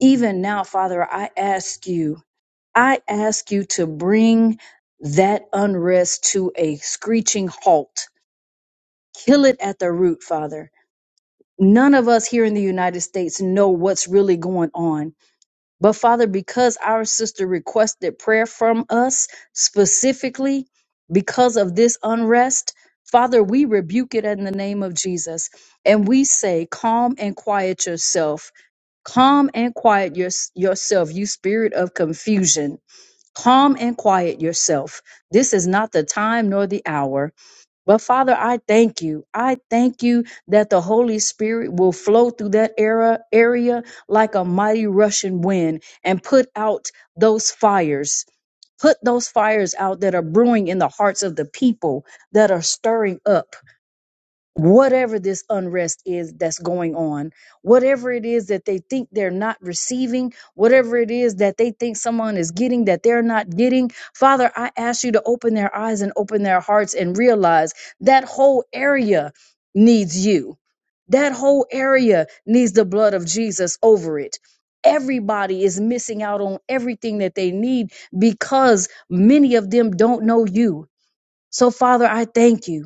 S4: Even now, Father, I ask you I ask you to bring that unrest to a screeching halt. Kill it at the root, Father. None of us here in the United States know what's really going on. But Father, because our sister requested prayer from us specifically because of this unrest, Father, we rebuke it in the name of Jesus. And we say, calm and quiet yourself. Calm and quiet your, yourself, you spirit of confusion Calm and quiet yourself. This is not the time nor the hour. But Father, I thank you. I thank you that the Holy Spirit will flow through that era area like a mighty rushing wind and put out those fires. Put those fires out that are brewing in the hearts of the people that are stirring up whatever this unrest is that's going on, whatever it is that they think they're not receiving, whatever it is that they think someone is getting that they're not getting. Father, I ask you to open their eyes and open their hearts and realize that whole area needs you. That whole area needs the blood of Jesus over it. Everybody is missing out on everything that they need because many of them don't know you. So, Father, I thank you.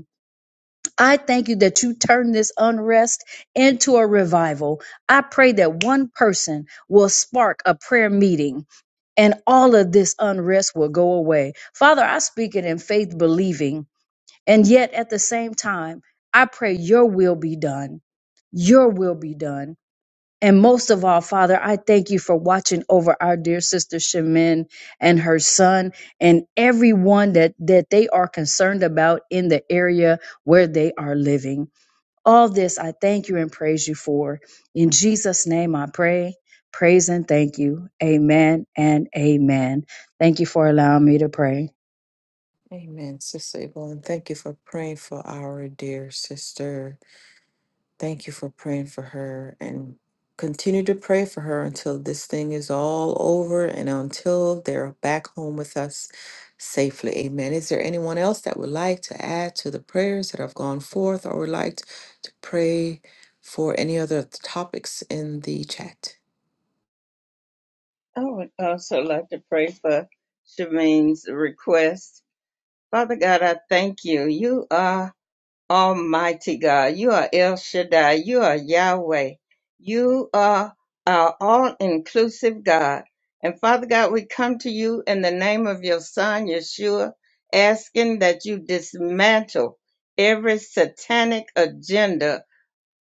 S4: I thank you that you turn this unrest into a revival. I pray that one person will spark a prayer meeting and all of this unrest will go away. Father, I speak it in faith, believing, and yet at the same time, I pray your will be done. Your will be done. And most of all, Father, I thank you for watching over our dear sister Shemin and her son and everyone that, that they are concerned about in the area where they are living. All this I thank you and praise you for. In Jesus' name I pray, praise, and thank you. Amen and amen. Thank you for allowing me to pray.
S1: Amen, Sister Yvonne. Thank you for praying for our dear sister. Thank you for praying for her and continue to pray for her until this thing is all over and until they're back home with us safely. Amen. Is there anyone else that would like to add to the prayers that have gone forth or would like t- to pray for any other topics in the chat?
S2: I would also like to pray for Shameen's request Father God, I thank you. You are Almighty God. You are El Shaddai. You are Yahweh. You are our all inclusive God. And Father God, we come to you in the name of your Son, Yeshua, asking that you dismantle every satanic agenda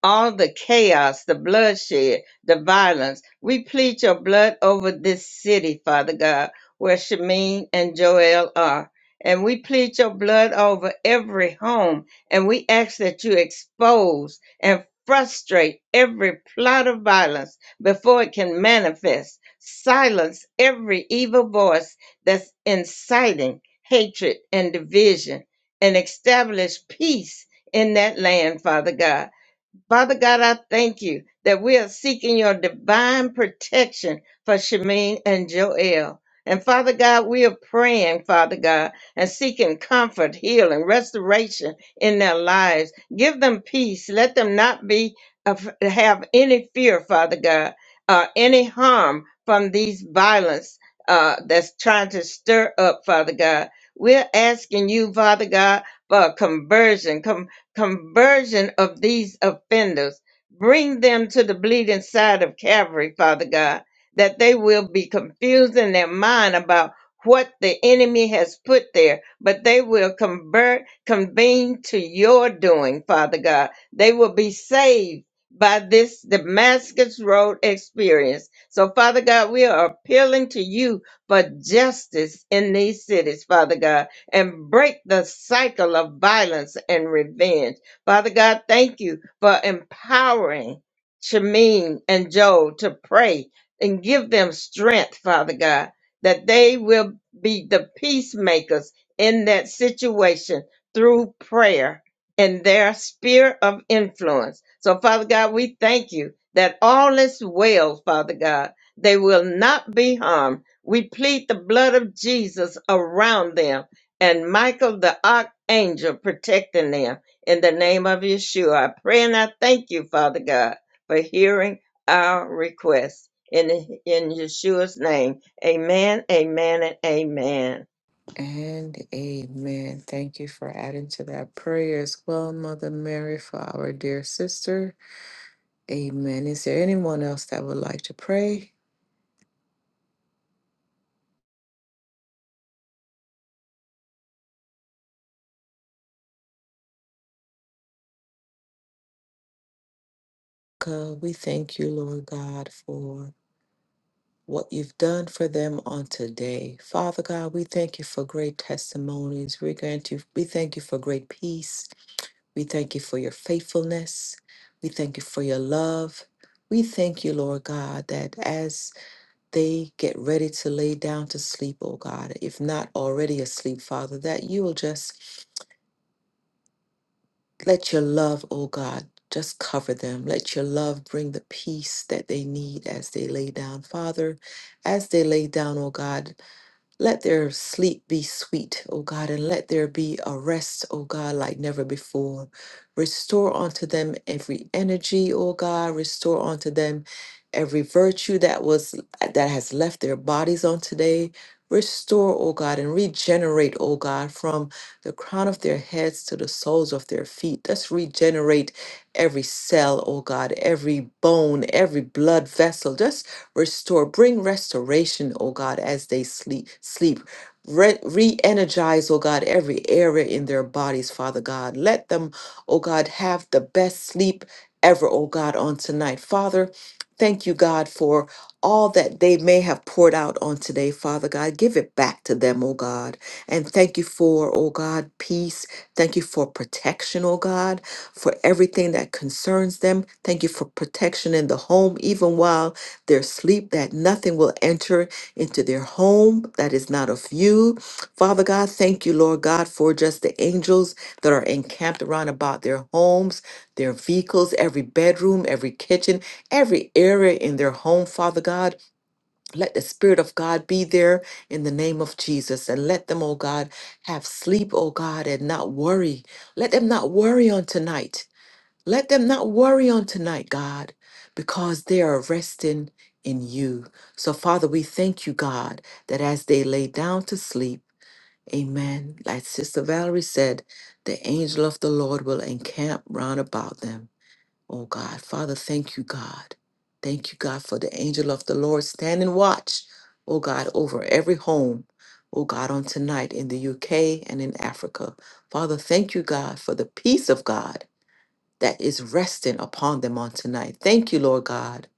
S2: all the chaos, the bloodshed, the violence. We plead your blood over this city, Father God, where Shamin and Joel are. And we plead your blood over every home. And we ask that you expose and frustrate every plot of violence before it can manifest. Silence every evil voice that's inciting hatred and division and establish peace in that land, Father God Father God, I thank you that we are seeking your divine protection for Shemaine and Joel. And Father God, we are praying, Father God, and seeking comfort, healing, restoration in their lives. Give them peace. Let them not be of- have any fear, Father God, uh, any harm from these violence uh, that's trying to stir up, Father God. We're asking you, Father God, for a conversion, conversion of these offenders. Bring them to the bleeding side of Calvary, Father God, that they will be confused in their mind about what the enemy has put there, but they will convert, convene to your doing, Father God. They will be saved by this Damascus Road experience. So, Father God, we are appealing to you for justice in these cities, Father God and break the cycle of violence and revenge. Father God, thank you for empowering Shamin and Joel to pray and give them strength, Father God, that they will be the peacemakers in that situation through prayer and their sphere of influence. So, Father God, we thank you that all is well, Father God. They will not be harmed. We plead the blood of Jesus around them and Michael the archangel protecting them. In the name of Yeshua, I pray and I thank you, Father God, for hearing our requests. In, in Yeshua's name, amen, amen, and amen.
S1: And amen. Thank you for adding to that prayer as well, Mother Mary, for our dear sister. Amen. Is there anyone else that would like to pray? God, we thank you, Lord God, for what you've done for them on today. Father God, we thank you for great testimonies. We grant you, we thank you for great peace. We thank you for your faithfulness. We thank you for your love. We thank you, Lord God, that as they get ready to lay down to sleep, oh God, if not already asleep, Father, that you will just let your love, oh God, just cover them. Let your love bring the peace that they need as they lay down. Father, as they lay down, oh God, let their sleep be sweet, O God, and let there be a rest, O God, like never before. Restore unto them every energy, O God. Restore unto them every virtue that was that has left their bodies on today. Restore, O God, and regenerate, O God, from the crown of their heads to the soles of their feet. Let's regenerate every cell, O God, every bone, every blood vessel. Restore, bring restoration, oh God, as they sleep, sleep. Re energize, oh God, every area in their bodies, Father God. Let them, oh God, have the best sleep ever, oh God, on tonight. Father, thank you, God, for all that they may have poured out on today, Father God. Give it back to them, oh God. And thank you for, oh God, peace. Thank you for protection, oh God, for everything that concerns them. Thank you for protection in the home, even while their sleep, that nothing will enter into their home that is not of you. Father God, thank you, Lord God, for just the angels that are encamped around about their homes, their vehicles, every bedroom, every kitchen, every area in their home, Father God. Let the Spirit of God be there in the name of Jesus and let them, oh God, have sleep, oh God, and not worry. Let them not worry on tonight. Let them not worry on tonight, God, because they are resting in you. So, Father, we thank you, God, that as they lay down to sleep, amen. Like Sister Valerie said, the angel of the Lord will encamp round about them. Oh, God. Father, thank you, God. Thank you, God, for the angel of the Lord standing watch, oh, God, over every home. Oh God, on tonight in the UK and in Africa. Father, thank you, God, for the peace of God that is resting upon them on tonight. Thank you, Lord God,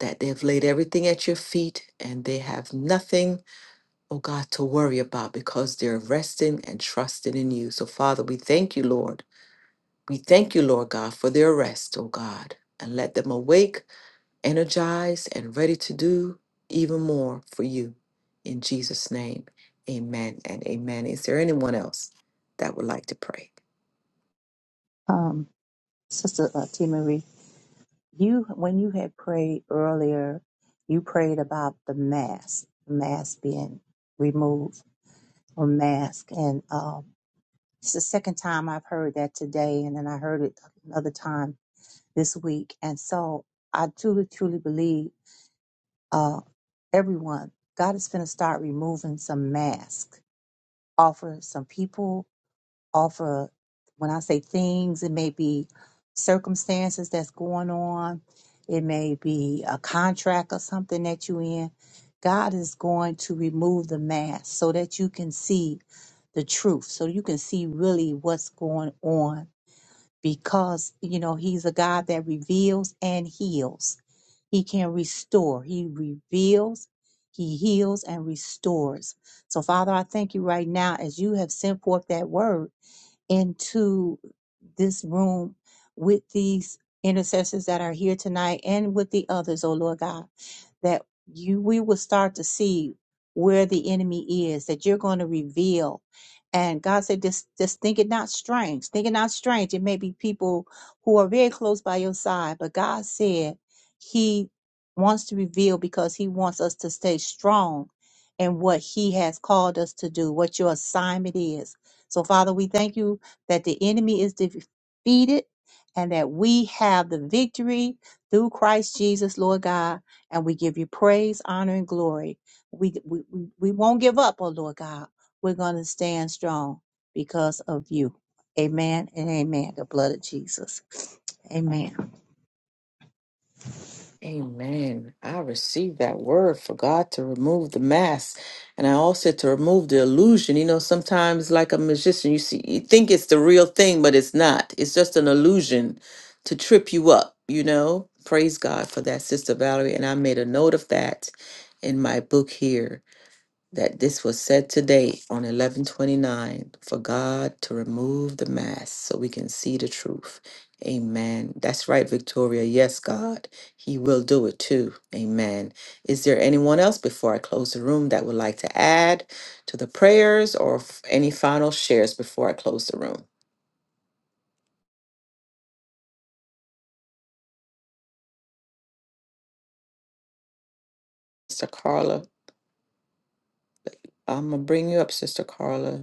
S1: that they've laid everything at your feet and they have nothing, oh God, to worry about because they're resting and trusting in you. So, Father, we thank you, Lord. We thank you, Lord God, for their rest, oh God, and let them awake energized and ready to do even more for you. In Jesus' name, amen and amen. Is there anyone else that would like to pray?
S3: Um, Sister uh, T. Marie, you when you had prayed earlier, you prayed about the mask, the mask being removed or mask, and um, it's the second time I've heard that today, and then I heard it another time this week, and so I truly, truly believe. uh, everyone, God is going to start removing some masks, offer some people, offer, when I say things, it may be circumstances that's going on, it may be a contract or something that you in. God is going to remove the mask so that you can see the truth, so you can see really what's going on because you know he's a God that reveals and heals. He can restore. He reveals, he heals and restores. So Father, I thank you right now as you have sent forth that word into this room with these intercessors that are here tonight and with the others, oh Lord God, that you we will start to see where the enemy is, that you're going to reveal. And God said, just, just think it not strange. Think it not strange. It may be people who are very close by your side, but God said He wants to reveal because He wants us to stay strong in what He has called us to do, what your assignment is. So, Father, we thank you that the enemy is defeated and that we have the victory through Christ Jesus, Lord God. And we give you praise, honor, and glory. We, we, we we won't give up, oh Lord God. We're going to stand strong because of you. Amen and amen. The blood of Jesus. Amen.
S1: Amen. I received that word for God to remove the mask. And I also to remove the illusion. You know, sometimes like a magician, you see you think it's the real thing, but it's not. It's just an illusion to trip you up, you know. Praise God for that, Sister Valerie. And I made a note of that in my book here that this was said today on 1129 for God to remove the mask so we can see the truth. Amen. That's right, Victoria. Yes, God, He will do it too. Amen. Is there anyone else before I close the room that would like to add to the prayers or f- any final shares before I close the room? Sister Carla, I'm going to bring you up, Sister Carla.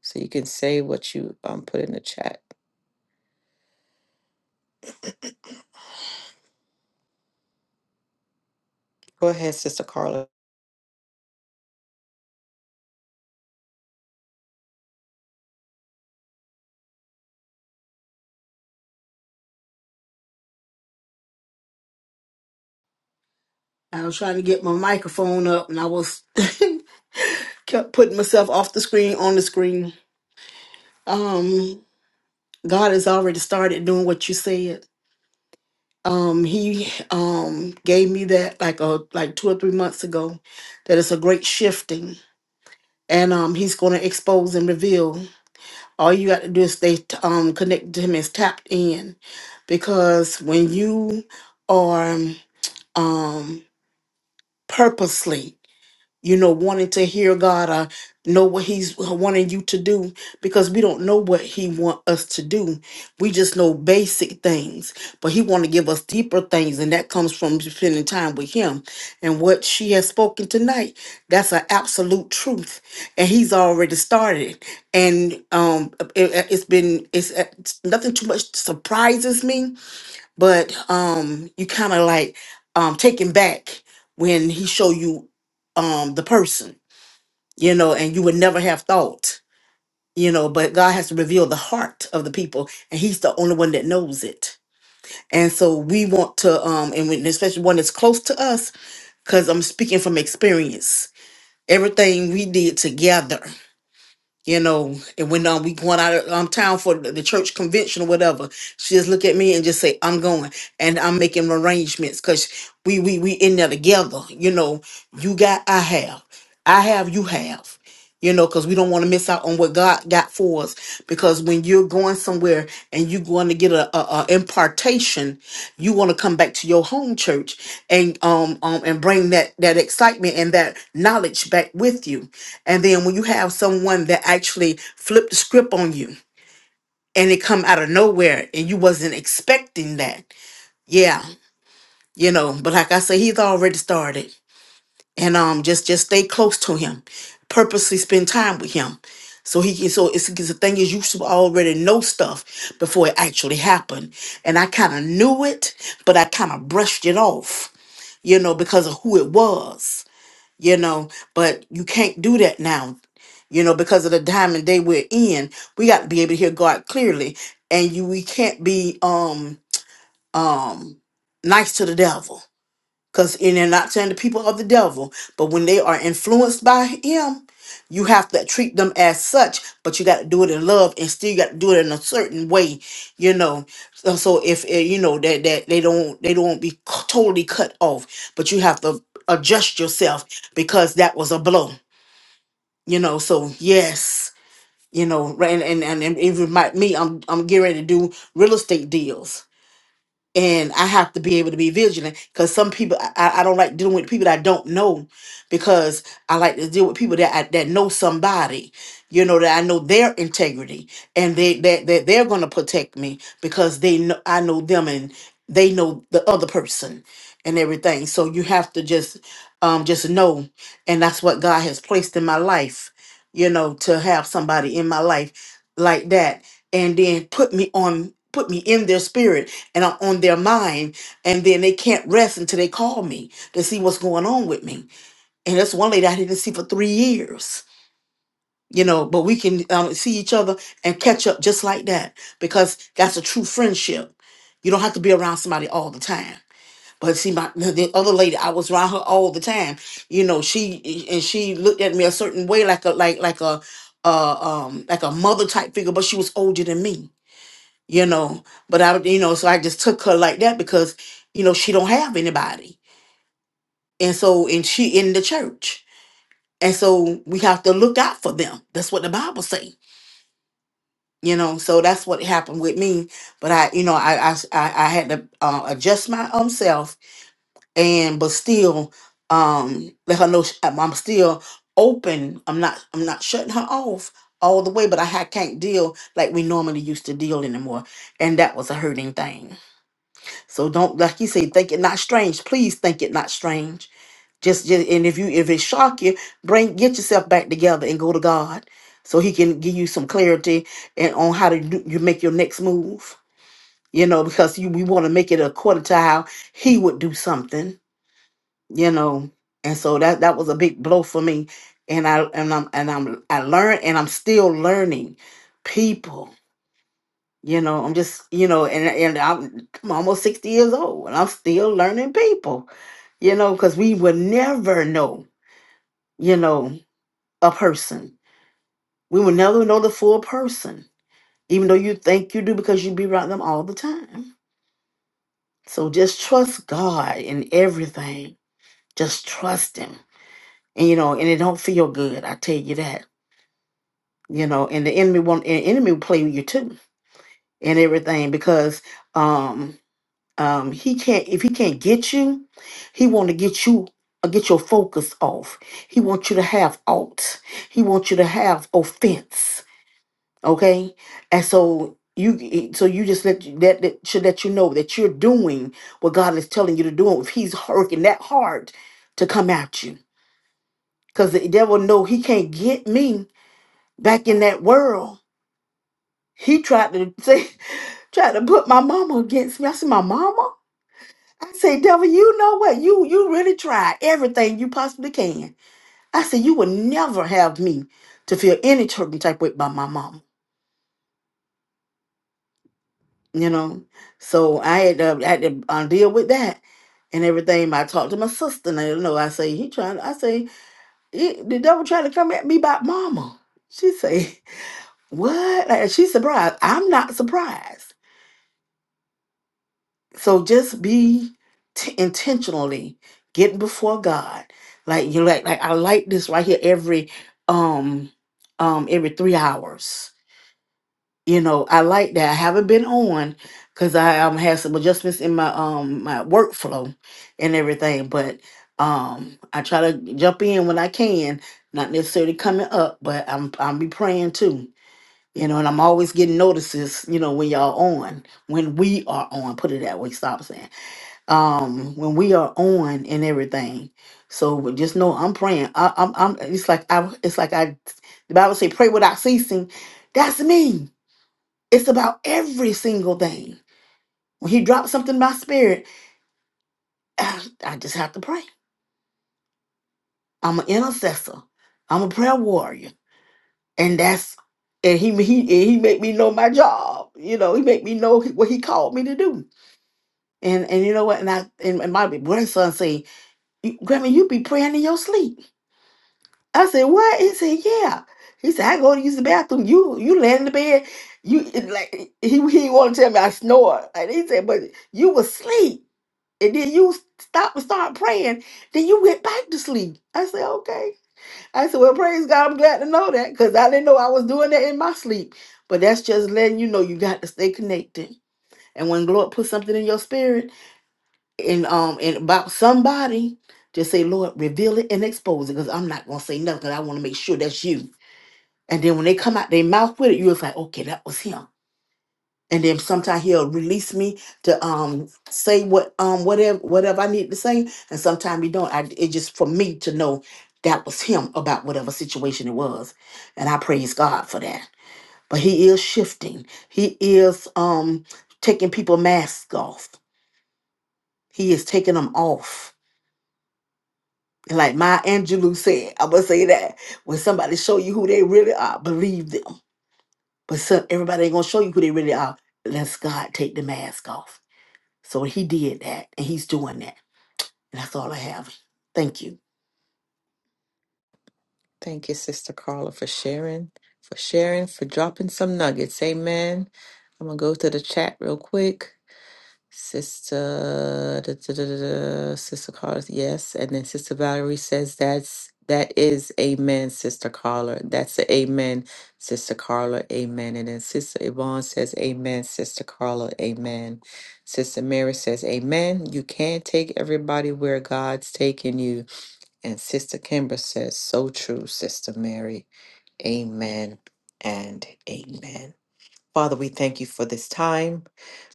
S1: So you can say what you um, put in the chat. Go ahead, Sister Carla.
S5: I was trying to get my microphone up and I was kept putting myself off the screen on the screen. Um God has already started doing what you said. Um he um gave me that like a like 2 or 3 months ago that it's a great shifting and um he's going to expose and reveal. All you got to do is stay t- um connected to him and tapped in because when you are um purposely you know, wanting to hear God or know what He's wanting you to do, because we don't know what He want us to do. We just know basic things, but He want to give us deeper things, and that comes from spending time with Him. And what she has spoken tonight, that's an absolute truth, and He's already started. And um, it, it's been it's, it's nothing too much surprises me but um you kind of like um taken back when he show you um the person you know and you would never have thought you know but god has to reveal the heart of the people and he's the only one that knows it and so we want to um and when, especially one that's close to us because i'm speaking from experience everything we did together you know, and when um, we going out of um, town for the the church convention or whatever, she just look at me and just say, "I'm going," and I'm making arrangements because we we we in there together. You know, you got, I have, I have, you have you know, because we don't want to miss out on what God got for us. Because when you're going somewhere and you're going to get a, a, a impartation, you want to come back to your home church and um, um and bring that that excitement and that knowledge back with you. And then when you have someone that actually flipped the script on you and it come out of nowhere and you wasn't expecting that, yeah, you know. But like I say, he's already started and um just just stay close to him purposely spend time with him so he can so it's because the thing is you should already know stuff before it actually happened and i kind of knew it but i kind of brushed it off you know because of who it was you know but you can't do that now you know because of the time and day we're in we got to be able to hear god clearly and you we can't be um um nice to the devil because, and they're not saying the people of the devil, but when they are influenced by him, you have to treat them as such, but you got to do it in love and still you got to do it in a certain way, you know. So, so if, eh, you know, that, that they don't, they don't be c- totally cut off, but you have to adjust yourself because that was a blow, you know. So, yes, you know, right, and, and, and and even my, me, I'm, I'm getting ready to do real estate deals and I have to be able to be vigilant because some people I, I I don't like dealing with people that I don't know because I like to deal with people that I, that know somebody, you know that I know their integrity and they that that they're going to protect me because they know I know them and they know the other person and everything. So you have to just um just know and that's what God has placed in my life, you know, to have somebody in my life like that and then put me on put me in their spirit and I'm on their mind, and then they can't rest until they call me to see what's going on with me. And that's one lady I didn't see for three years, you know. But we can um, see each other and catch up just like that because that's a true friendship. You don't have to be around somebody all the time. But see, my the the other lady, I was around her all the time. You know, she and she looked at me a certain way, like a like like a uh, um like a mother type figure, but she was older than me you know but i you know so i just took her like that because you know she don't have anybody and so and she in the church and so we have to look out for them that's what the bible say you know so that's what happened with me but i you know I, I, I I had to uh, adjust my own self and but still um let her know sh- i'm I'm still open i'm not i'm not shutting her off all the way but i ha- can't deal like we normally used to deal anymore and that was a hurting thing So don't like you say, think it not strange. Please think it not strange. Just, just and if you if it shock you, bring get yourself back together and go to God, so He can give you some clarity and on how to do, you make your next move. You know, because you we want to make it according to how He would do something. You know, and so that that was a big blow for me, and I and I'm and I'm I learned and I'm still learning people. You know, I'm just, you know, and and I'm, I'm almost 60 years old and I'm still learning people, you know, because we will never know, you know, a person. We will never know the full person, even though you think you do because you be around them all the time. So just trust God in everything. Just trust Him. And you know, and it don't feel good, I tell you that. You know, and the enemy won't and enemy will play with you too and everything because um um he can't if he can't get you he want to get you uh, get your focus off he wants you to have alt he wants you to have offense okay and so you eh, so you just let that, that should let you know that you're doing what god is telling you to do if he's working that hard to come at you because the devil know he can't get me back in that world he tried to say tried to put my mama against me i said my mama I said, devil, you know what? You you really tried everything you possibly can. I said, you would never have me to feel any certain type way by my mom. You know, so I had to, I had to uh, deal with that and everything. I talked to my sister, and I, you know, I say he trying. I say "He- the devil trying to come at me about mama. She say, what? Like, she surprised. I'm not surprised. So just be t- intentionally getting before God. Like you like like I like this right here every um um every three hours. You know, I like that. I haven't been on because I um had some adjustments in my um my workflow and everything, but um I try to jump in when I can, not necessarily coming up, but I'm I'm be praying too. You know, and I'm always getting notices, you know, when y'all on, when we are on, put it that way, stop saying um when we are on and everything so but just know i'm praying I, i'm i'm it's like i it's like i the bible say pray without ceasing that's me it's about every single thing when he drops something in my spirit i, I just have to pray i'm an intercessor i'm a prayer warrior and that's and he he and he make me know my job you know he make me know what he called me to do and and you know what and i and and my grandson say "You- grandma you be praying in your sleep I said, "What?" He said, "Yeah." He said, "I go to use the bathroom. You you lay in the bed. You it like he he wanted to tell me I snore." And he said, "But you was asleep, and then you stop and start praying. Then you went back to sleep." I said, "Okay." I said, "Well, praise God. I'm glad to know that because I didn't know I was doing that in my sleep. But that's just letting you know you got to stay connected. And when the Lord puts something in your spirit and um and about somebody." Just say, Lord, reveal it and expose it because I'm not going to say nothing. 'cause I want to make sure that's you. And then when they come out their mouth with it, you was like, okay, that was him. And then sometimes he'll release me to um say what um whatever whatever I need to say, and sometimes he don't. I it just for me to know that was him about whatever situation it was, and I praise God for that. But he is shifting. He is um taking people masks off. He is taking them off. And like my Angelou said, I would say that when somebody show you who they really are, believe them But so everybody ain't gonna show you who they really are unless God take the mask off. So he did that and he's doing that. And that's all I have. Thank you.
S1: Thank you, Sister Carla, for sharing, for sharing, for dropping some nuggets. Amen. I'm going to go to the chat real quick. Sister, da, da, da, da, da, Sister Carter, yes. And then Sister Valerie says that's that is amen, Sister Carla. That's a amen, Sister Carla, amen. And then Sister Yvonne says amen, Sister Carla, amen. Sister Mary says amen. You can't take everybody where God's taking you. And Sister Kimber says, so true, Sister Mary. Amen and amen. Father, we thank you for this time.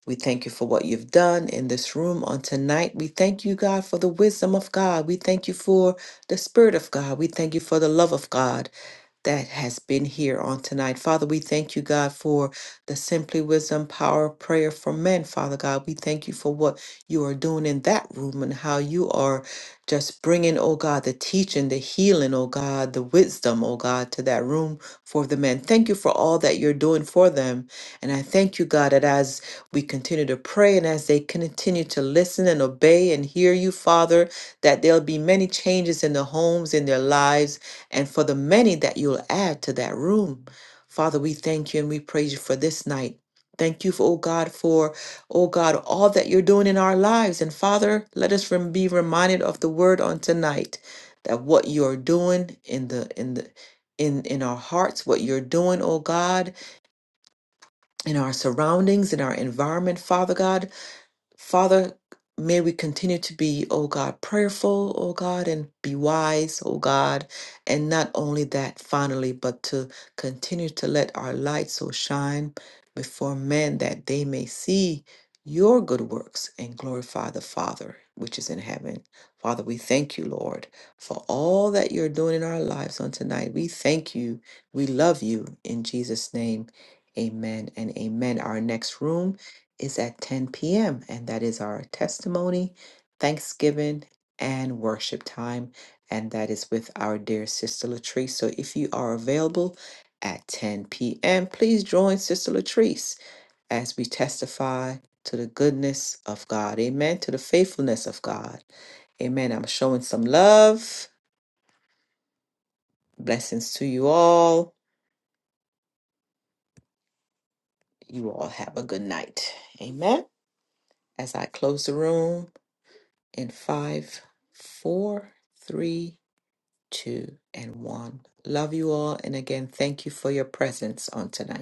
S1: We thank you for what you've done in this room on tonight. We thank you, God, for the wisdom of God. We thank you for the Spirit of God. We thank you for the love of God that has been here on tonight. Father, we thank you, God, for the Simply Wisdom Power of Prayer for Men. Father God, we thank you for what you are doing in that room and how you are just bringing, oh God, the teaching, the healing, oh God, the wisdom, oh God, to that room for the men. Thank you for all that you're doing for them. And I thank you, God, that as we continue to pray and as they continue to listen and obey and hear you, Father, that there'll be many changes in their homes, in their lives and for the many that you'll add to that room. Father, we thank you and we praise you for this night. Thank you, for, oh God, for, oh God, all that you're doing in our lives. And Father, let us rem- be reminded of the word on tonight that what you are doing in the, in the, in, in our hearts, what you're doing, oh God, in our surroundings, in our environment, Father God. Father, may we continue to be, oh God, prayerful, oh God, and be wise, oh God. And not only that, finally, but to continue to let our light so shine before men that they may see your good works and glorify the Father which is in heaven. Father, we thank you, Lord, for all that you're doing in our lives on tonight. We thank you. We love you. In Jesus' name, amen and amen. Our next room is at 10 p.m., and that is our testimony, Thanksgiving, and worship time. And that is with our dear Sister Latrice. So if you are available at 10 p.m., please join Sister Latrice as we testify to the goodness of God. Amen. To the faithfulness of God. Amen. I'm showing some love. Blessings to you all. You all have a good night. Amen. As I close the room. in five, four, three, two, and one. Love you all. And again, thank you for your presence on tonight.